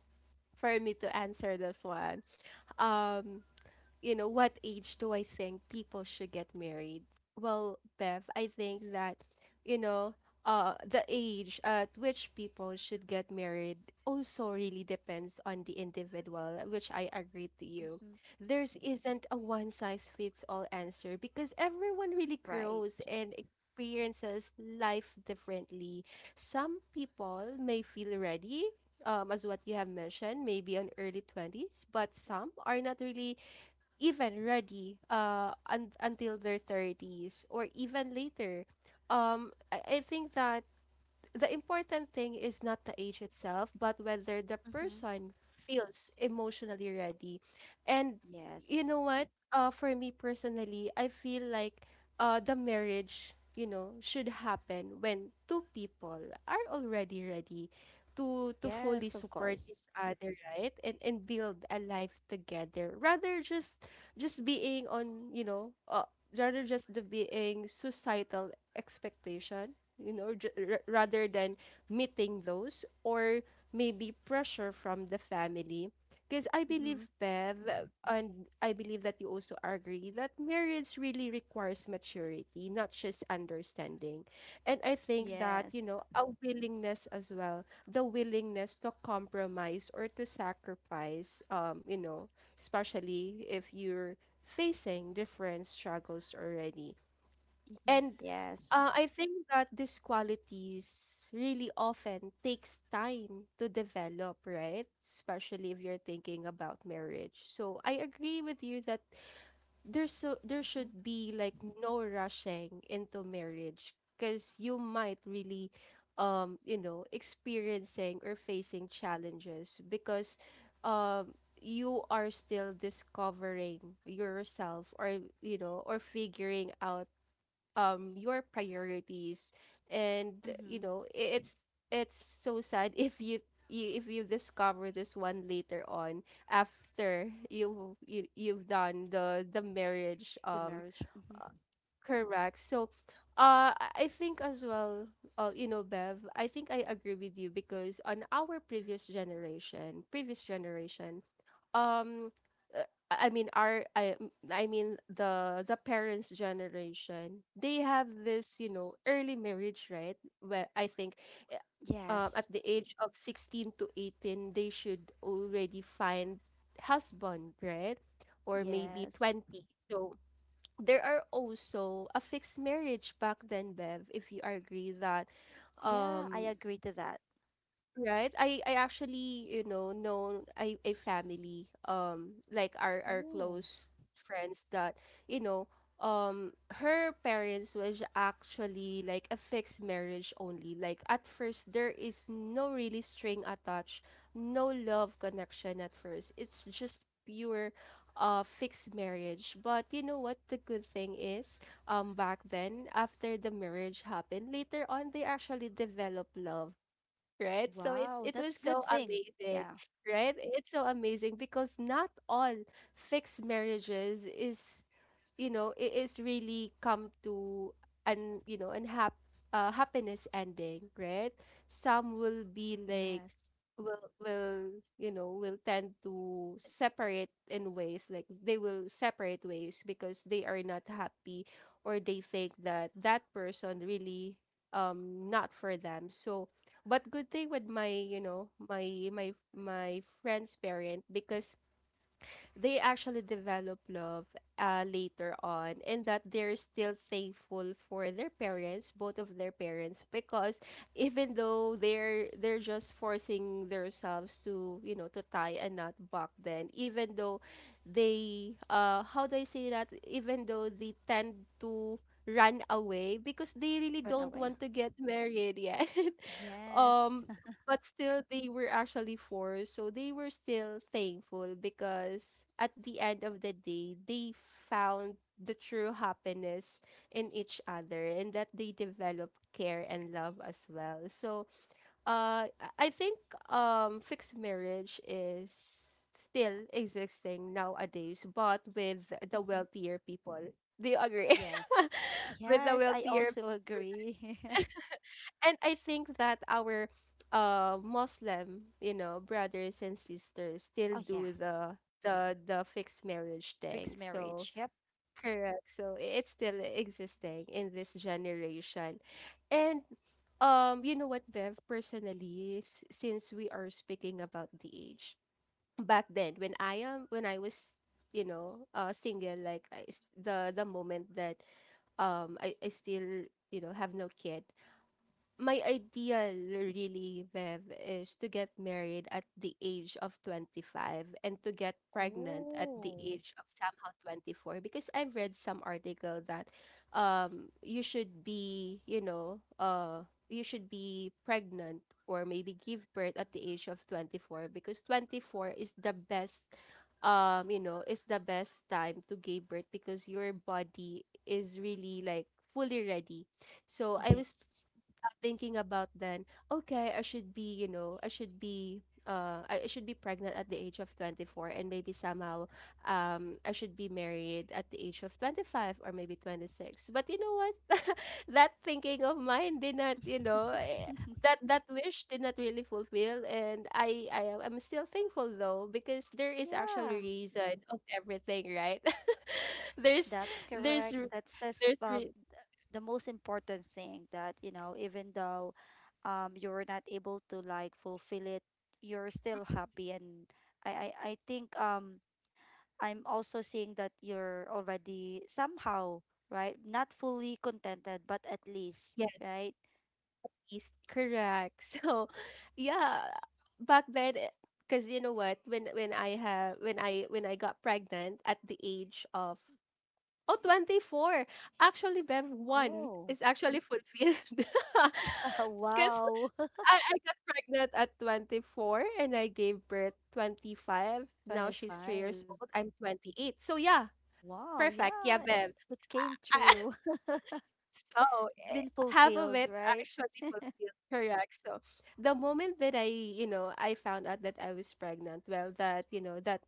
S1: for me to answer this one, um, you know, what age do I think people should get married? Well, Bev, I think that, you know, the age at which people should get married also really depends on the individual, which I agree to you.
S2: Hmm.
S1: There's isn't a one size fits all answer because everyone really
S2: Right.
S1: grows and experiences life differently. Some people may feel ready, as what you have mentioned, maybe on early 20s, but some are not really even ready until their 30s or even later. I think that the important thing is not the age itself, but whether the
S2: Mm-hmm.
S1: person feels emotionally ready. And you
S2: Yes.
S1: know what? For me personally, I feel like the marriage, you know, should happen when two people are already ready to fully
S2: Yes, of
S1: support
S2: course.
S1: each other, right? And build a life together, rather just being on, rather just the being societal expectation, rather than meeting those or maybe pressure from the family. Because I
S2: Mm-hmm.
S1: believe, Bev, and I believe that you also agree that marriage really requires maturity, not just understanding. And I think that,
S2: Yes.
S1: you know, a willingness as well, the willingness to compromise or to sacrifice, you know, especially if you're facing different struggles already.
S2: Mm-hmm.
S1: And
S2: Yes.
S1: uh, I think that these qualities really often takes time to develop, right? Especially if you're thinking about marriage. So I agree with you that there
S2: Mm-hmm.
S1: should be like no rushing into marriage because you might really experiencing or facing challenges because you are still discovering yourself, or or figuring out your priorities. And you
S2: Mm-hmm.
S1: know, it's so sad (laughs) if if you discover this one later on after you've done the marriage.
S2: The marriage. Mm-hmm.
S1: Uh, Correct. So, I think as well, you know, Bev, I think I agree with you because on our previous generation, um I mean the parents' generation, they have this you know early marriage, right? Where I think uh, at
S2: Yes.
S1: the age of 16 to 18 they should already find husband, right? Or maybe
S2: Yes.
S1: 20. So there are also a fixed marriage back then, Bev, if you agree that.
S2: Yeah, I
S1: um
S2: agree to that.
S1: Right. I actually, you know a family, like our
S2: Oh,
S1: close friends that, you know, her parents was actually like a fixed marriage only. Like at first there is no really string attached, no love connection at first. It's just pure fixed marriage. But you know what the good thing is, back then after the marriage happened, later on they actually develop love, right? So it,
S2: wow.
S1: it was
S2: That's good
S1: so
S2: thing.
S1: amazing,
S2: Yeah.
S1: right? It's so amazing because not all fixed marriages is you know it is really come to an an happiness ending, right? Some
S2: Yes.
S1: will be like will will tend to separate in ways. Like they will separate ways because they are not happy or they think that that person really not for them. So but good thing with my my friend's parent because they actually develop love later on,
S2: Oh,
S1: and that they're still thankful
S2: that's
S1: for their
S2: nice.
S1: parents, both of their parents, because even though they're just forcing themselves to to tie a knot back then. Even though they how do I say that, even though they tend to run away because
S2: Run
S1: they really
S2: away.
S1: don't want to get married, yeah. (laughs)
S2: Yes. (laughs)
S1: um but still they were actually four, so they were still thankful because at the end of the day they found the true happiness in each other, and that they develop care and love as well. So, I think fixed marriage is still existing nowadays but with the
S2: Mhm.
S1: wealthier people, do you agree?
S2: Yes.
S1: (laughs) With the
S2: Yes, I
S1: wealthier.
S2: also agree. (laughs)
S1: And I think that our Muslim, you know, brothers and sisters still
S2: Oh yeah,
S1: do the fixed marriage thing.
S2: fixed
S1: So
S2: marriage. Yep.
S1: correct. So it's still existing in this generation. And you know what, Bev, personally, since we are speaking about the age, back then when I am when I was single, like the moment that I still have no kid, my ideal really, Bev, is to get married at the age of 25 and to get pregnant at the
S2: Oh,
S1: age of somehow 24 because I've read some article that you should be you should be pregnant or maybe give birth at the age of 24 because 24 is the best you know, is the best time to give birth because your body is really like fully ready. So I was
S2: yes.
S1: thinking about then, okay, I should be, you know, I should be I should be pregnant at the age of 24 and maybe somehow I should be married at the age of 25 or maybe 26. But you know what? (laughs) That thinking of mine did not,
S2: (laughs)
S1: that wish did not really fulfill, and I'm still thankful though because there is actually
S2: Yeah,
S1: reason of everything, right? (laughs) there's
S2: that's
S1: there's
S2: correct.
S1: re-
S2: That's
S1: there's re-
S2: the most important thing that, you know, even though you're not able to like fulfill it, you're still happy. And I think I'm also seeing that you're already somehow, right? Not fully contented, but at least, right?
S1: Least. Correct. (laughs) So, yeah, back then, because you know what, when I have when I got pregnant at the age of oh 24. Actually, Bev, one
S2: Oh,
S1: is actually fulfilled. (laughs)
S2: (laughs)
S1: Because
S2: wow.
S1: I got pregnant at 24 and I gave birth 25.
S2: (laughs)
S1: Now she's 3 years
S2: 25.
S1: old. I'm 28. So yeah,
S2: Wow,
S1: perfect.
S2: yeah,
S1: Yeah,
S2: I-
S1: Bev.
S2: it came
S1: (laughs)
S2: true.
S1: So,
S2: (laughs) It's been
S1: half of
S2: fulfilled,
S1: it
S2: right?
S1: actually fulfilled, correct. So, the moment that I found out that I was pregnant, well, that, you know, that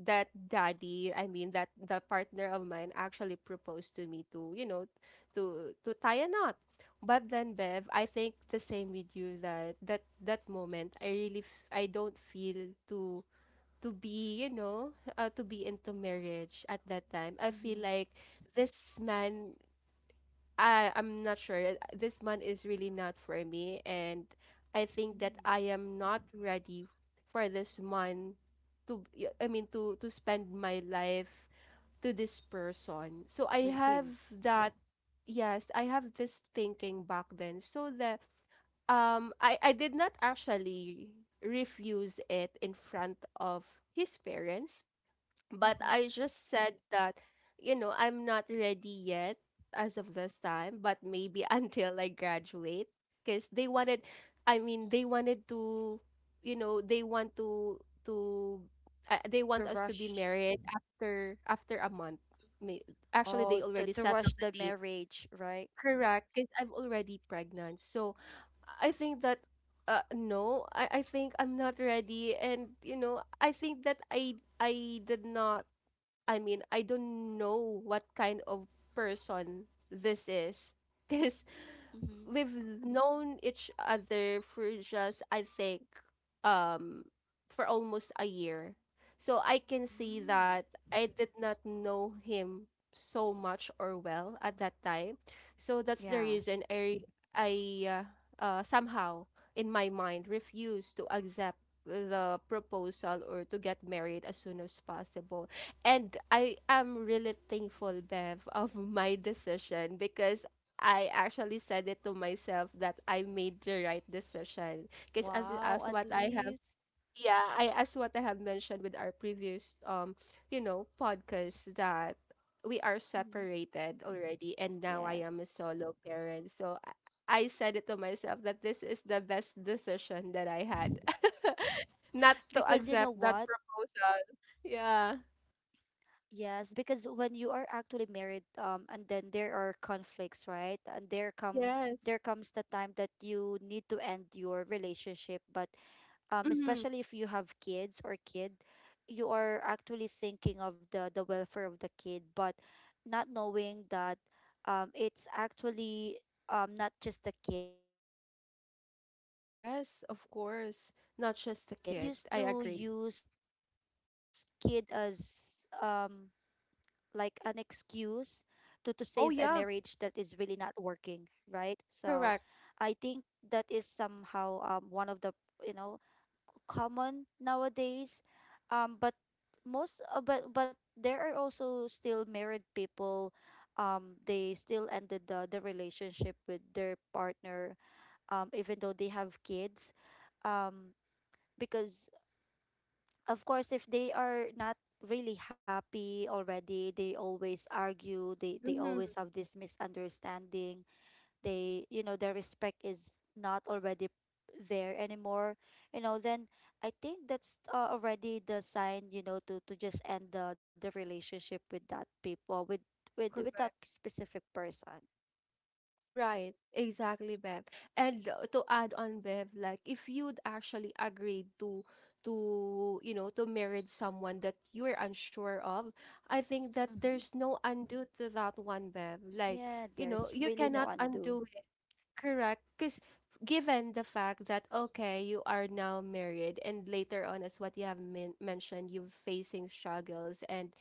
S1: that daddy, I mean, that the partner of mine actually proposed to me to, to tie a knot. But then, Bev, I think the same with you that that moment, I really, I don't feel to be, to be into marriage at that time. I
S2: Mm-hmm.
S1: feel like this man I'm not sure. This month is really not for me, and I think that
S2: Mm.
S1: I am not ready for this month to I mean to spend my life to this person. So
S2: With
S1: I have
S2: him.
S1: that yes, I have this thinking back then. So the I did not actually refuse it in front of his parents, but
S2: Mm-hmm.
S1: I just said that, you know, I'm not ready yet as of this time, but maybe (laughs) until I graduate. Because they wanted, I mean, they wanted to, you know, they want to, they
S2: To
S1: want us to be
S2: rush,
S1: married after, after a month. May- Actually,
S2: oh,
S1: they already
S2: to
S1: settled
S2: rush
S1: the
S2: the
S1: date.
S2: marriage, right?
S1: Correct, because I'm already pregnant. So I think that, no, I think I'm not ready. And, you know, I think that I did not, I mean, I don't know what kind of person this is. (laughs) Because
S2: Mm-hmm.
S1: we've known each other for just I think um for almost a year. So I can see
S2: Mm.
S1: that I did not know him so much or well at that time. So that's the
S2: Yes.
S1: reason I uh, somehow in my mind refused to accept the proposal or to get married as soon as possible. And I am really thankful, Bev, of my decision because I actually said it to myself that I made the right decision because as
S2: Wow,
S1: as
S2: at
S1: what I have
S2: least.
S1: yeah I as what I have mentioned with our previous you know podcast that we are
S2: Mm-hmm.
S1: separated already, and now I am a
S2: Yes. (laughs)
S1: solo parent. So I said it to myself that this is the best decision that I had (laughs) not to
S2: Because you know
S1: accept that
S2: what?
S1: proposal. Yeah.
S2: Yes, because when you are actually married, and then there are conflicts, right? And there
S1: Yes.
S2: comes the time that you need to end your relationship. But
S1: Hmm.
S2: especially if you have kids or kid, you are actually thinking of the welfare of the kid, but not knowing that it's actually not just the kid, but
S1: Yes,
S2: sometimes
S1: of course. Not
S2: you
S1: just the
S2: know,
S1: kid.
S2: they
S1: I
S2: get
S1: agree.
S2: used to use kid as like an excuse to
S1: Oh
S2: save a
S1: yeah,
S2: marriage that is really not working, right?
S1: correct.
S2: So I think that is somehow one of the you know c- common nowadays. But most but there are also still married people they still ended the relationship with their partner even though they have kids um because of course if they are not really happy already, they always argue, they always
S1: Mm-hmm.
S2: have this misunderstanding, they you know their respect is not already there anymore, you know. Then I think that's already the sign, you know, to just end the relationship with that people, with with that
S1: Correct.
S2: specific person.
S1: Right. Exactly, Bev. And to add on, Bev, like if you'd actually agreed to you know to marry someone that you're unsure of, I think that
S2: Mm-hmm.
S1: there's no undo to that one, Bev. Like,
S2: Yeah,
S1: you know,
S2: there's
S1: you
S2: really no
S1: cannot
S2: undo.
S1: undo. Correct. Because given the fact that, okay, you are now married, and later on, as what you have mentioned, you're facing struggles, and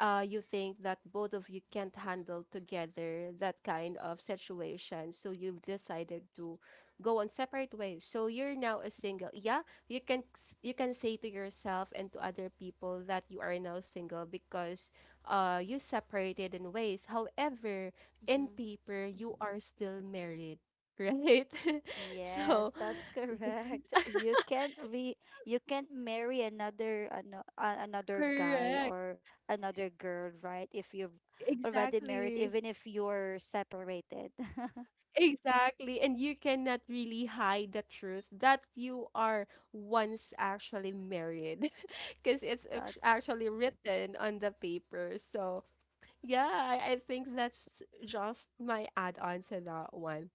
S1: you think that both of you can't handle together that kind of situation. So you've decided to go on separate ways. So you're now a single. Yeah, you can you can say to yourself and to other people that you are now single because you separated in ways. However, in
S2: Mm-hmm.
S1: paper, you are still married, right? (laughs)
S2: Yes,
S1: So,
S2: that's
S1: (laughs)
S2: correct. (laughs) You can't re you can't marry another ano, another guy
S1: correct.
S2: or another girl, right? If you've already married,
S1: Exactly.
S2: even if you're separated. (laughs)
S1: Exactly. And you cannot really hide the truth that you are once actually married (laughs) because it's
S2: That's
S1: actually written on the paper. So, yeah, I think that's just my add on to that one.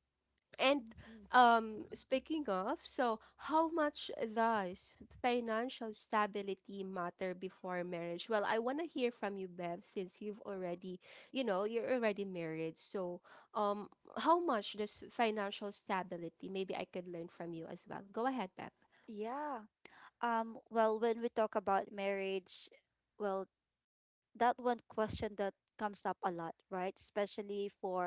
S1: And
S2: Mhm.
S1: speaking of, so how much does financial stability matter before marriage? Well, I want to hear from you, Bev, since you've already, you know, you're already married. So, um, how much does financial stability? Maybe I could learn from you as well. Go ahead, Bev.
S2: Yeah. Well, when we talk about marriage, well, that one question that comes up a lot, right? Especially for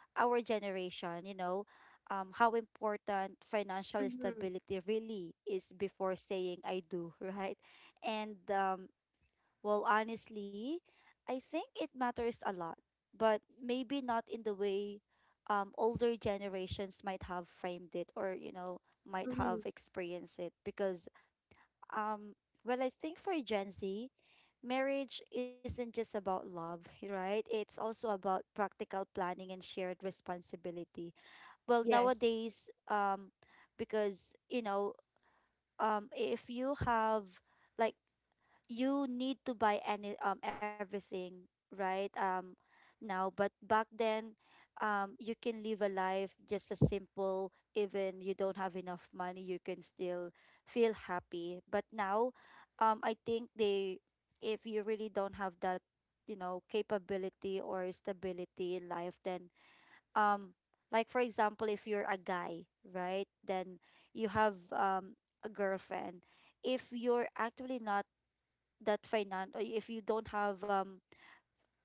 S2: our generation, you know, how important financial
S1: Mm-hmm.
S2: stability really is before saying I do, (laughs) right? And well, honestly, I think it matters a lot, but maybe not in the way older generations might have framed it or, you know, might
S1: Mm-hmm.
S2: have experienced it because um, well, I think for Gen Z, marriage isn't just about love, (laughs) right? It's also about practical planning and shared responsibility. Well,
S1: Yes.
S2: nowadays, because you know, if you have like you need to buy any everything right now. But back then you can live a life just a simple, even you don't have enough money you can still feel happy. But now I think they if you really don't have that you know capability or stability in life, then um like for example if you're a guy, right, then you have a girlfriend. If you're actually not that finance, if you don't have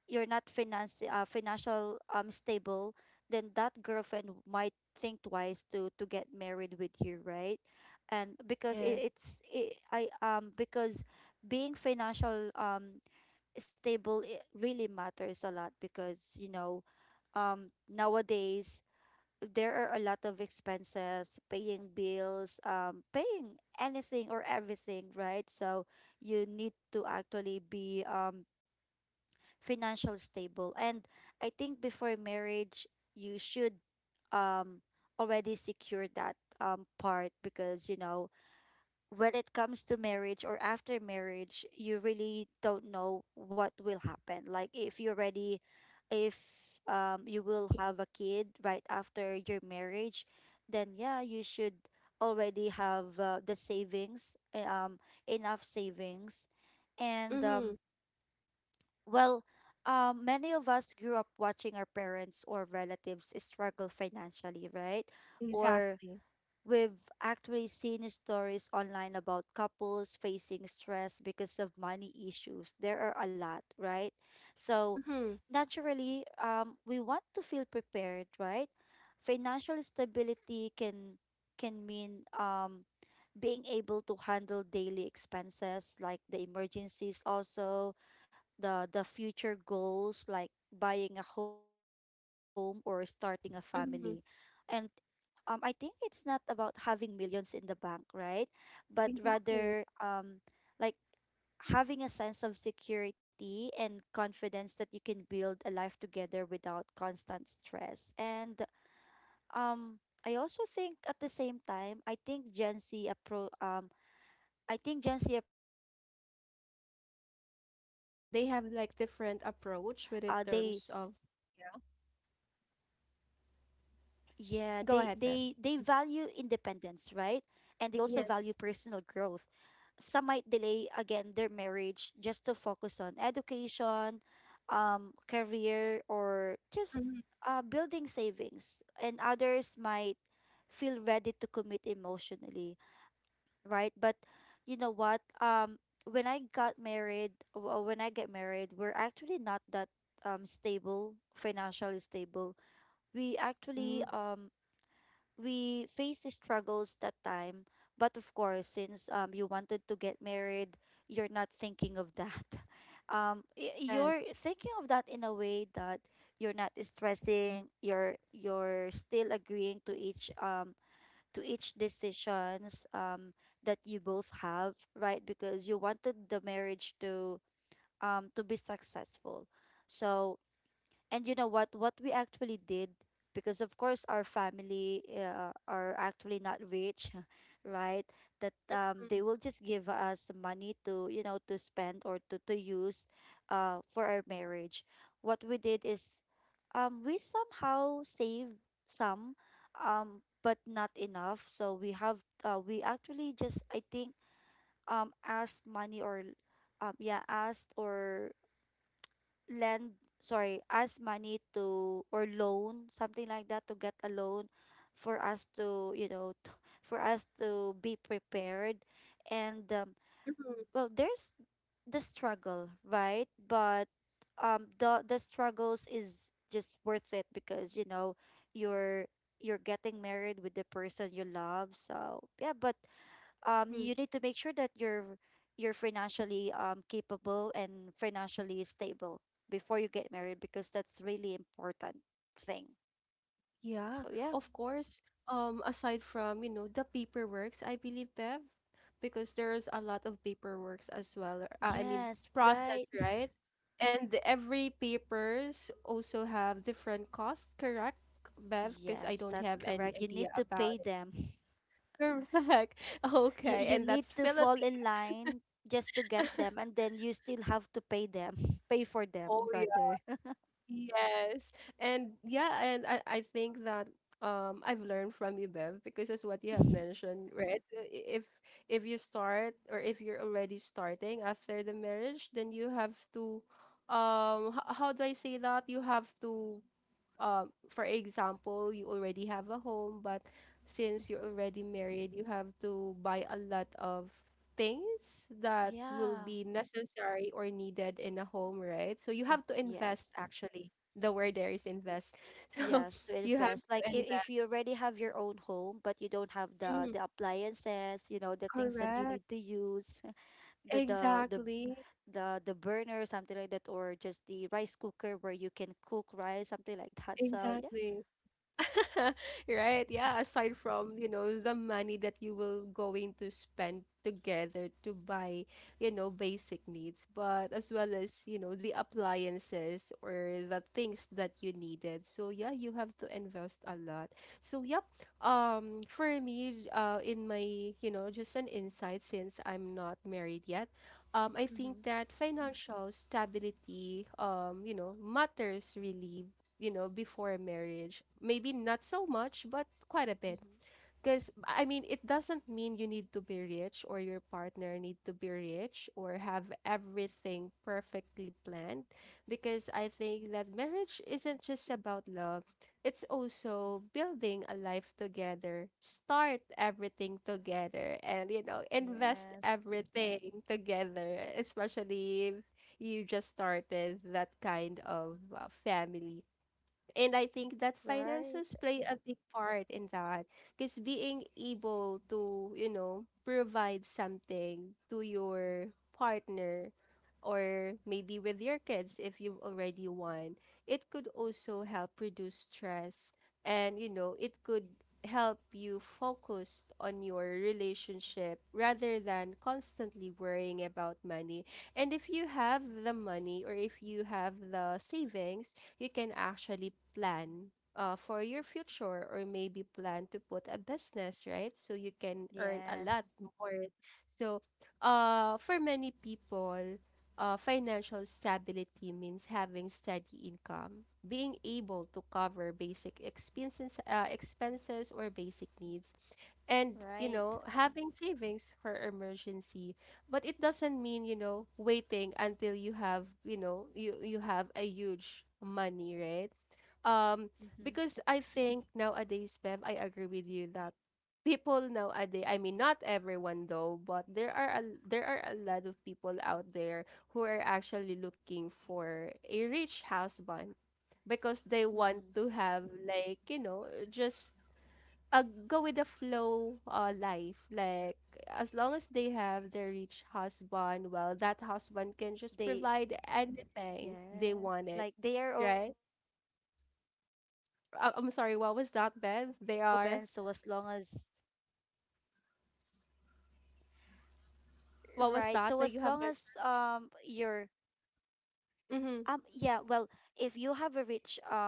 S2: you're not finance financial stable, then that girlfriend might think twice to get married with you, right? And because
S1: Yes.
S2: it, it's it, I because being financial stable, it really matters a lot, because you know nowadays there are a lot of expenses, paying bills, paying anything or everything, right? So you need to actually be financial stable. And I think before marriage, you should um already secure that part, because you know when it comes to marriage or after marriage, you really don't know what will happen. Like if you already if you will have a kid right after your marriage, then yeah you should already have the savings eh, enough savings and
S1: Mm-hmm.
S2: well many of us grew up watching our parents or relatives struggle financially, right? Or
S1: Exactly.
S2: we've actually seen stories online about couples facing stress because of money issues. There are a lot, right? So,
S1: Mm-hmm.
S2: naturally, we want to feel prepared, right? Financial stability can mean being able to handle daily expenses like the emergencies, also the future goals like buying a home or starting a family, and
S1: Mm-hmm.
S2: I think it's not about having millions in the bank, right? But
S1: Exactly.
S2: rather, like having a sense of security and confidence that you can build a life together without constant stress. And um, I also think at the same time, I think Gen Z approaches like
S1: They have
S2: differently.
S1: like different
S2: Like,
S1: approach with in
S2: they
S1: terms of.
S2: Yeah, they they value
S1: Go ahead, Bev.
S2: independence, right? And they also value personal
S1: Yes.
S2: growth. Some might delay again their marriage just to focus on education, career, or just
S1: Mhm,
S2: building savings. And others might feel ready to commit emotionally, right? But you know what? When I got married, w- when I get married, we're actually not that stable, financially stable. We actually
S1: mhm.
S2: we faced the struggles that time. But of course since you wanted to get married, you're not thinking of that. (laughs) Um y-
S1: Yes.
S2: you're thinking of that in a way that you're not stressing, you're still agreeing to each decisions that you both have, right? Because you wanted the marriage to be successful. So and you know what? What we actually did, because of course our family are actually not rich, (laughs) right? That
S1: Mm,
S2: they will just give us money to you know to spend or to use, for our marriage. What we did is, we somehow saved some, but not enough. So we have we actually just I think asked money or, yeah, asked or lend sorry ask money to or loan something like that to get a loan for us to you know t- for us to be prepared. And
S1: mhm,
S2: well there's the struggle, right? But the struggles is just worth it, because you know you're getting married with the person you love, so yeah. But
S1: mhm.
S2: you need to make sure that you're financially capable and financially stable before you get married, because that's really important thing.
S1: Yeah,
S2: So yeah.
S1: of course. Aside from, you know, the paperworks, I believe, Bev, because there's a lot of paperworks as well. I mean,
S2: Yes,
S1: process,
S2: right. (laughs)
S1: right? And every papers also have different cost, correct, Bev? Because I
S2: Yes,
S1: don't
S2: that's
S1: have any
S2: correct. You
S1: idea
S2: need to
S1: about
S2: pay
S1: it.
S2: them. (laughs)
S1: Correct. (laughs)
S2: You
S1: Okay, and
S2: need
S1: that's
S2: to fall
S1: Philippines.
S2: in line just to get them,
S1: (laughs)
S2: and then you still have to pay them. (laughs) Pay for
S1: Oh.
S2: them rather. (laughs)
S1: Yes. And yeah, and I think that I've learned from you, Bev, because as what you have
S2: Mhm.
S1: mentioned, right? If you start or if you're already starting after the marriage, then you have to how do I say that? You have to for example, you already have a home, but since you're already married, you have to buy a lot of things that will
S2: Yeah.
S1: be necessary or needed in a home, right? So you
S2: The-
S1: have to invest
S2: yes.
S1: actually. The word there is invest. (laughs) So
S2: Yes, to
S1: you have
S2: invest.
S1: to
S2: Like if
S1: invest.
S2: you already have your own home, but you don't have the
S1: Mhm.
S2: appliances, you know, the things that you
S1: Correct.
S2: need to use, (laughs) the the
S1: Exactly.
S2: the the burner, something like that, or just the rice cooker where you can cook rice, something like that. So yeah.
S1: Exactly. (laughs)
S2: (laughs)
S1: Right, yeah, aside from, you know, the money that you will going to spend together to buy, you know, basic needs, but as well as, you know, the appliances or the things that you needed. So yeah, you have to invest a lot. So yep, for me, in my, you know, just an insight since I'm not married yet, I think
S2: Mm-hmm.
S1: that financial stability you know, matters really, you know, before marriage. Maybe not so much, but quite a bit.
S2: Mm-hmm.
S1: Because, I mean, it doesn't mean you need to be rich or your partner need to be rich or have everything perfectly planned. Because I think that marriage isn't just about love, it's also building a life together, start everything together, and, you know, invest
S2: Yes.
S1: everything together, especially if you just started that kind of family, and I think that
S2: Right.
S1: finances play a big part in that because being able to, you know, provide something to your partner or maybe with your kids if you've already won, it could also help reduce stress, and, you know, it could help you focus on your relationship rather than constantly worrying about money. And if you have the money or if you have the savings, you can actually plan for your future or maybe plan to put a business, right? So you can earn a lot
S2: Yes.
S1: more. So for many people, financial stability means having steady income, being able to cover basic expenses, expenses or basic needs, and you
S2: Right.
S1: know having savings for emergency, but it doesn't mean you know waiting until you have you know you have a huge money, right? Um
S2: Mm-hmm.
S1: because I think nowadays, Bev, I agree with you that people nowadays I mean not everyone though, but there are a lot of people out there who are actually looking for a rich husband because they
S2: Mm-hmm.
S1: want to have like you know just go with the flow life. Like, as long as they have their rich husband, well, that husband can just
S2: They
S1: provide anything they
S2: Yeah.
S1: wanted,
S2: Like they are
S1: right?
S2: okay already, (laughs) right? (laughs)
S1: I'm
S2: Even
S1: sorry, what was that,
S2: whatever
S1: Beth? They
S2: happens, so
S1: are,
S2: as long as right, so as long
S1: what
S2: as
S1: was that that you have
S2: you're yeah,
S1: mentioned?
S2: well, if you have a rich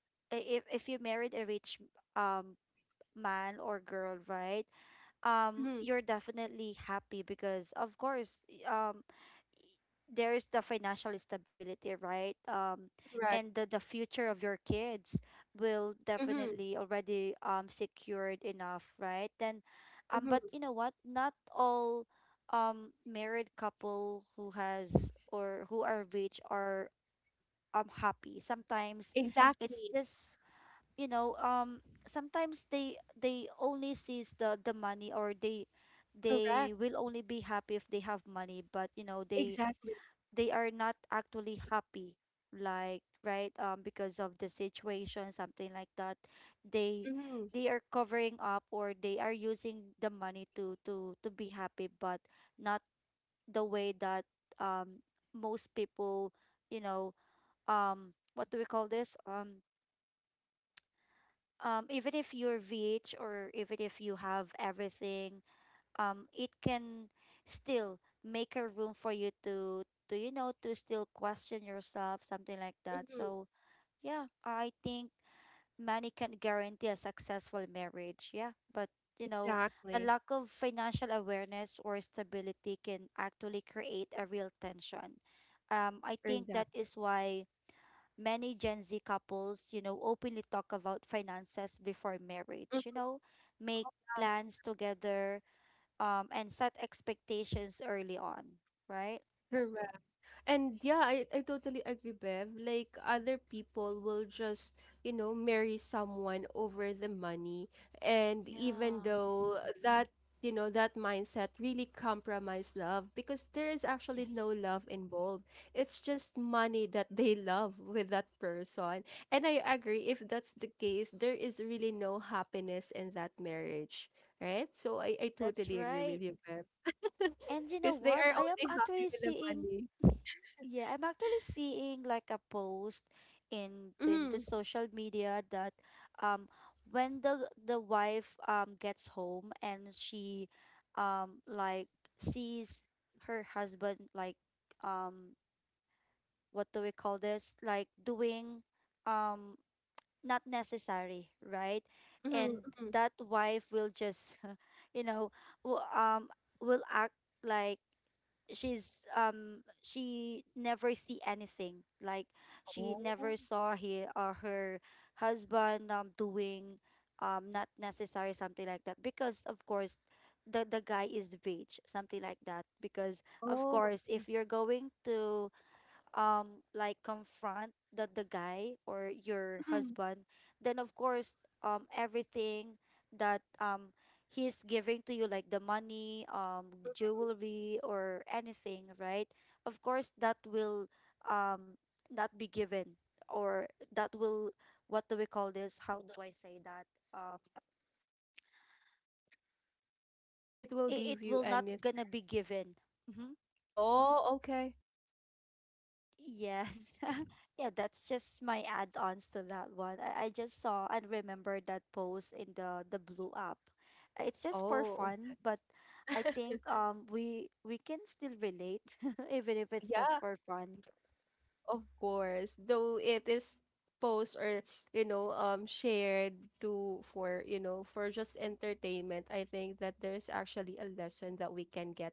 S2: I- if you married a rich um man or girl, right?
S1: Mm-hmm, mm-hmm,
S2: You're definitely happy because of course y- there is the financial stability, right?
S1: correct.
S2: And the, future of your kids will
S1: Mm-hmm,
S2: definitely already secured enough, right? Then, but
S1: mm-hmm,
S2: you know what? Not all married couple who has or who are rich are happy. Sometimes it's
S1: exactly,
S2: just you know sometimes they only sees the money, or they
S1: correct,
S2: will only be happy if they have money. But you know they
S1: exactly.
S2: are not actually happy like right because of the situation, something like that. They
S1: Mm-hmm,
S2: are covering up, or they are using the money to be happy, but not the way that um most people you know what do we call this even if you're VH or even if you have everything it can still make a room for you to you know to still question yourself, something like that.
S1: mm-hmm,
S2: So yeah, I think money can guarantee a successful marriage, yeah. But you know, a
S1: exactly,
S2: lack of financial awareness or stability can actually create a real tension. Um I think that
S1: exactly.
S2: is why many Gen Z couples, you know, openly talk about finances before marriage, you know, make plans together, and set expectations early on, right?
S1: Correct. And yeah, I totally agree, Bev. Like other people will just, you know, marry someone over the money. And even
S2: Yeah.
S1: though that, you know, that mindset really compromise love because there is actually no
S2: Yes.
S1: love involved. It's just money that they (laughs) love with that person. And I agree, if that's the case, there is really no happiness in that marriage. Right? So I
S2: That's
S1: totally agree
S2: right.
S1: with you, Bev. (laughs)
S2: And you know
S1: Because they
S2: what?
S1: are
S2: I am
S1: only happy
S2: actually
S1: with the
S2: seeing
S1: money.
S2: (laughs) yeah, I'm actually seeing like a post in the
S1: Mhm.
S2: social media that um when the wife gets home and she like sees her husband like um what do we call this? Like doing um not necessary, right?
S1: Mhm,
S2: And
S1: mhm.
S2: that wife will just, (laughs) you know, w- will act like she never see anything, like she never
S1: Oh.
S2: saw he or her husband doing not necessary, something like that, because of course the guy is rich, something like that, because of
S1: Oh,
S2: course
S1: okay.
S2: if you're going to like confront the guy or your
S1: Mhm,
S2: husband, then of course everything that he's giving to you, like the money,
S1: mhm.
S2: jewelry or anything, right, of course that will um not be given or that will what do we call this how do I say that um
S1: It will
S2: it, it
S1: give you
S2: will
S1: an
S2: not
S1: it.
S2: gonna be given Hmm.
S1: Oh, okay.
S2: Yes. (laughs) yeah, that's just my add-ons to that one. I, just saw and remembered that post in the blue app. It's just for
S1: Oh, okay.
S2: fun, but I think we can still relate (laughs) even if it's just
S1: Yeah.
S2: for fun.
S1: Of course, though it is post or you know shared to for you know for just entertainment, I think that there is actually a lesson that we can get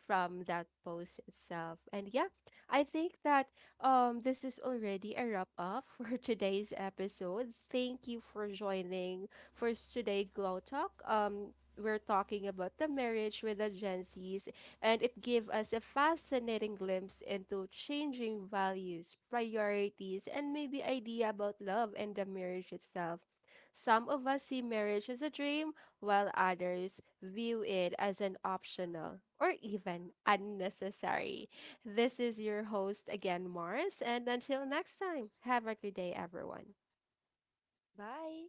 S1: from that post itself. And yeah, I think that this is already a wrap up (laughs) for today's episode. Thank you for joining for today Glow Talk. We're talking about the marriage with the Gen Zs and it gave us a fascinating glimpse into changing values, priorities, and maybe idea about love and the marriage itself. Some of us see marriage as a dream, while others view it as an optional or even unnecessary. This is your host again, Mars, and until next time, have a good day, everyone.
S2: Bye.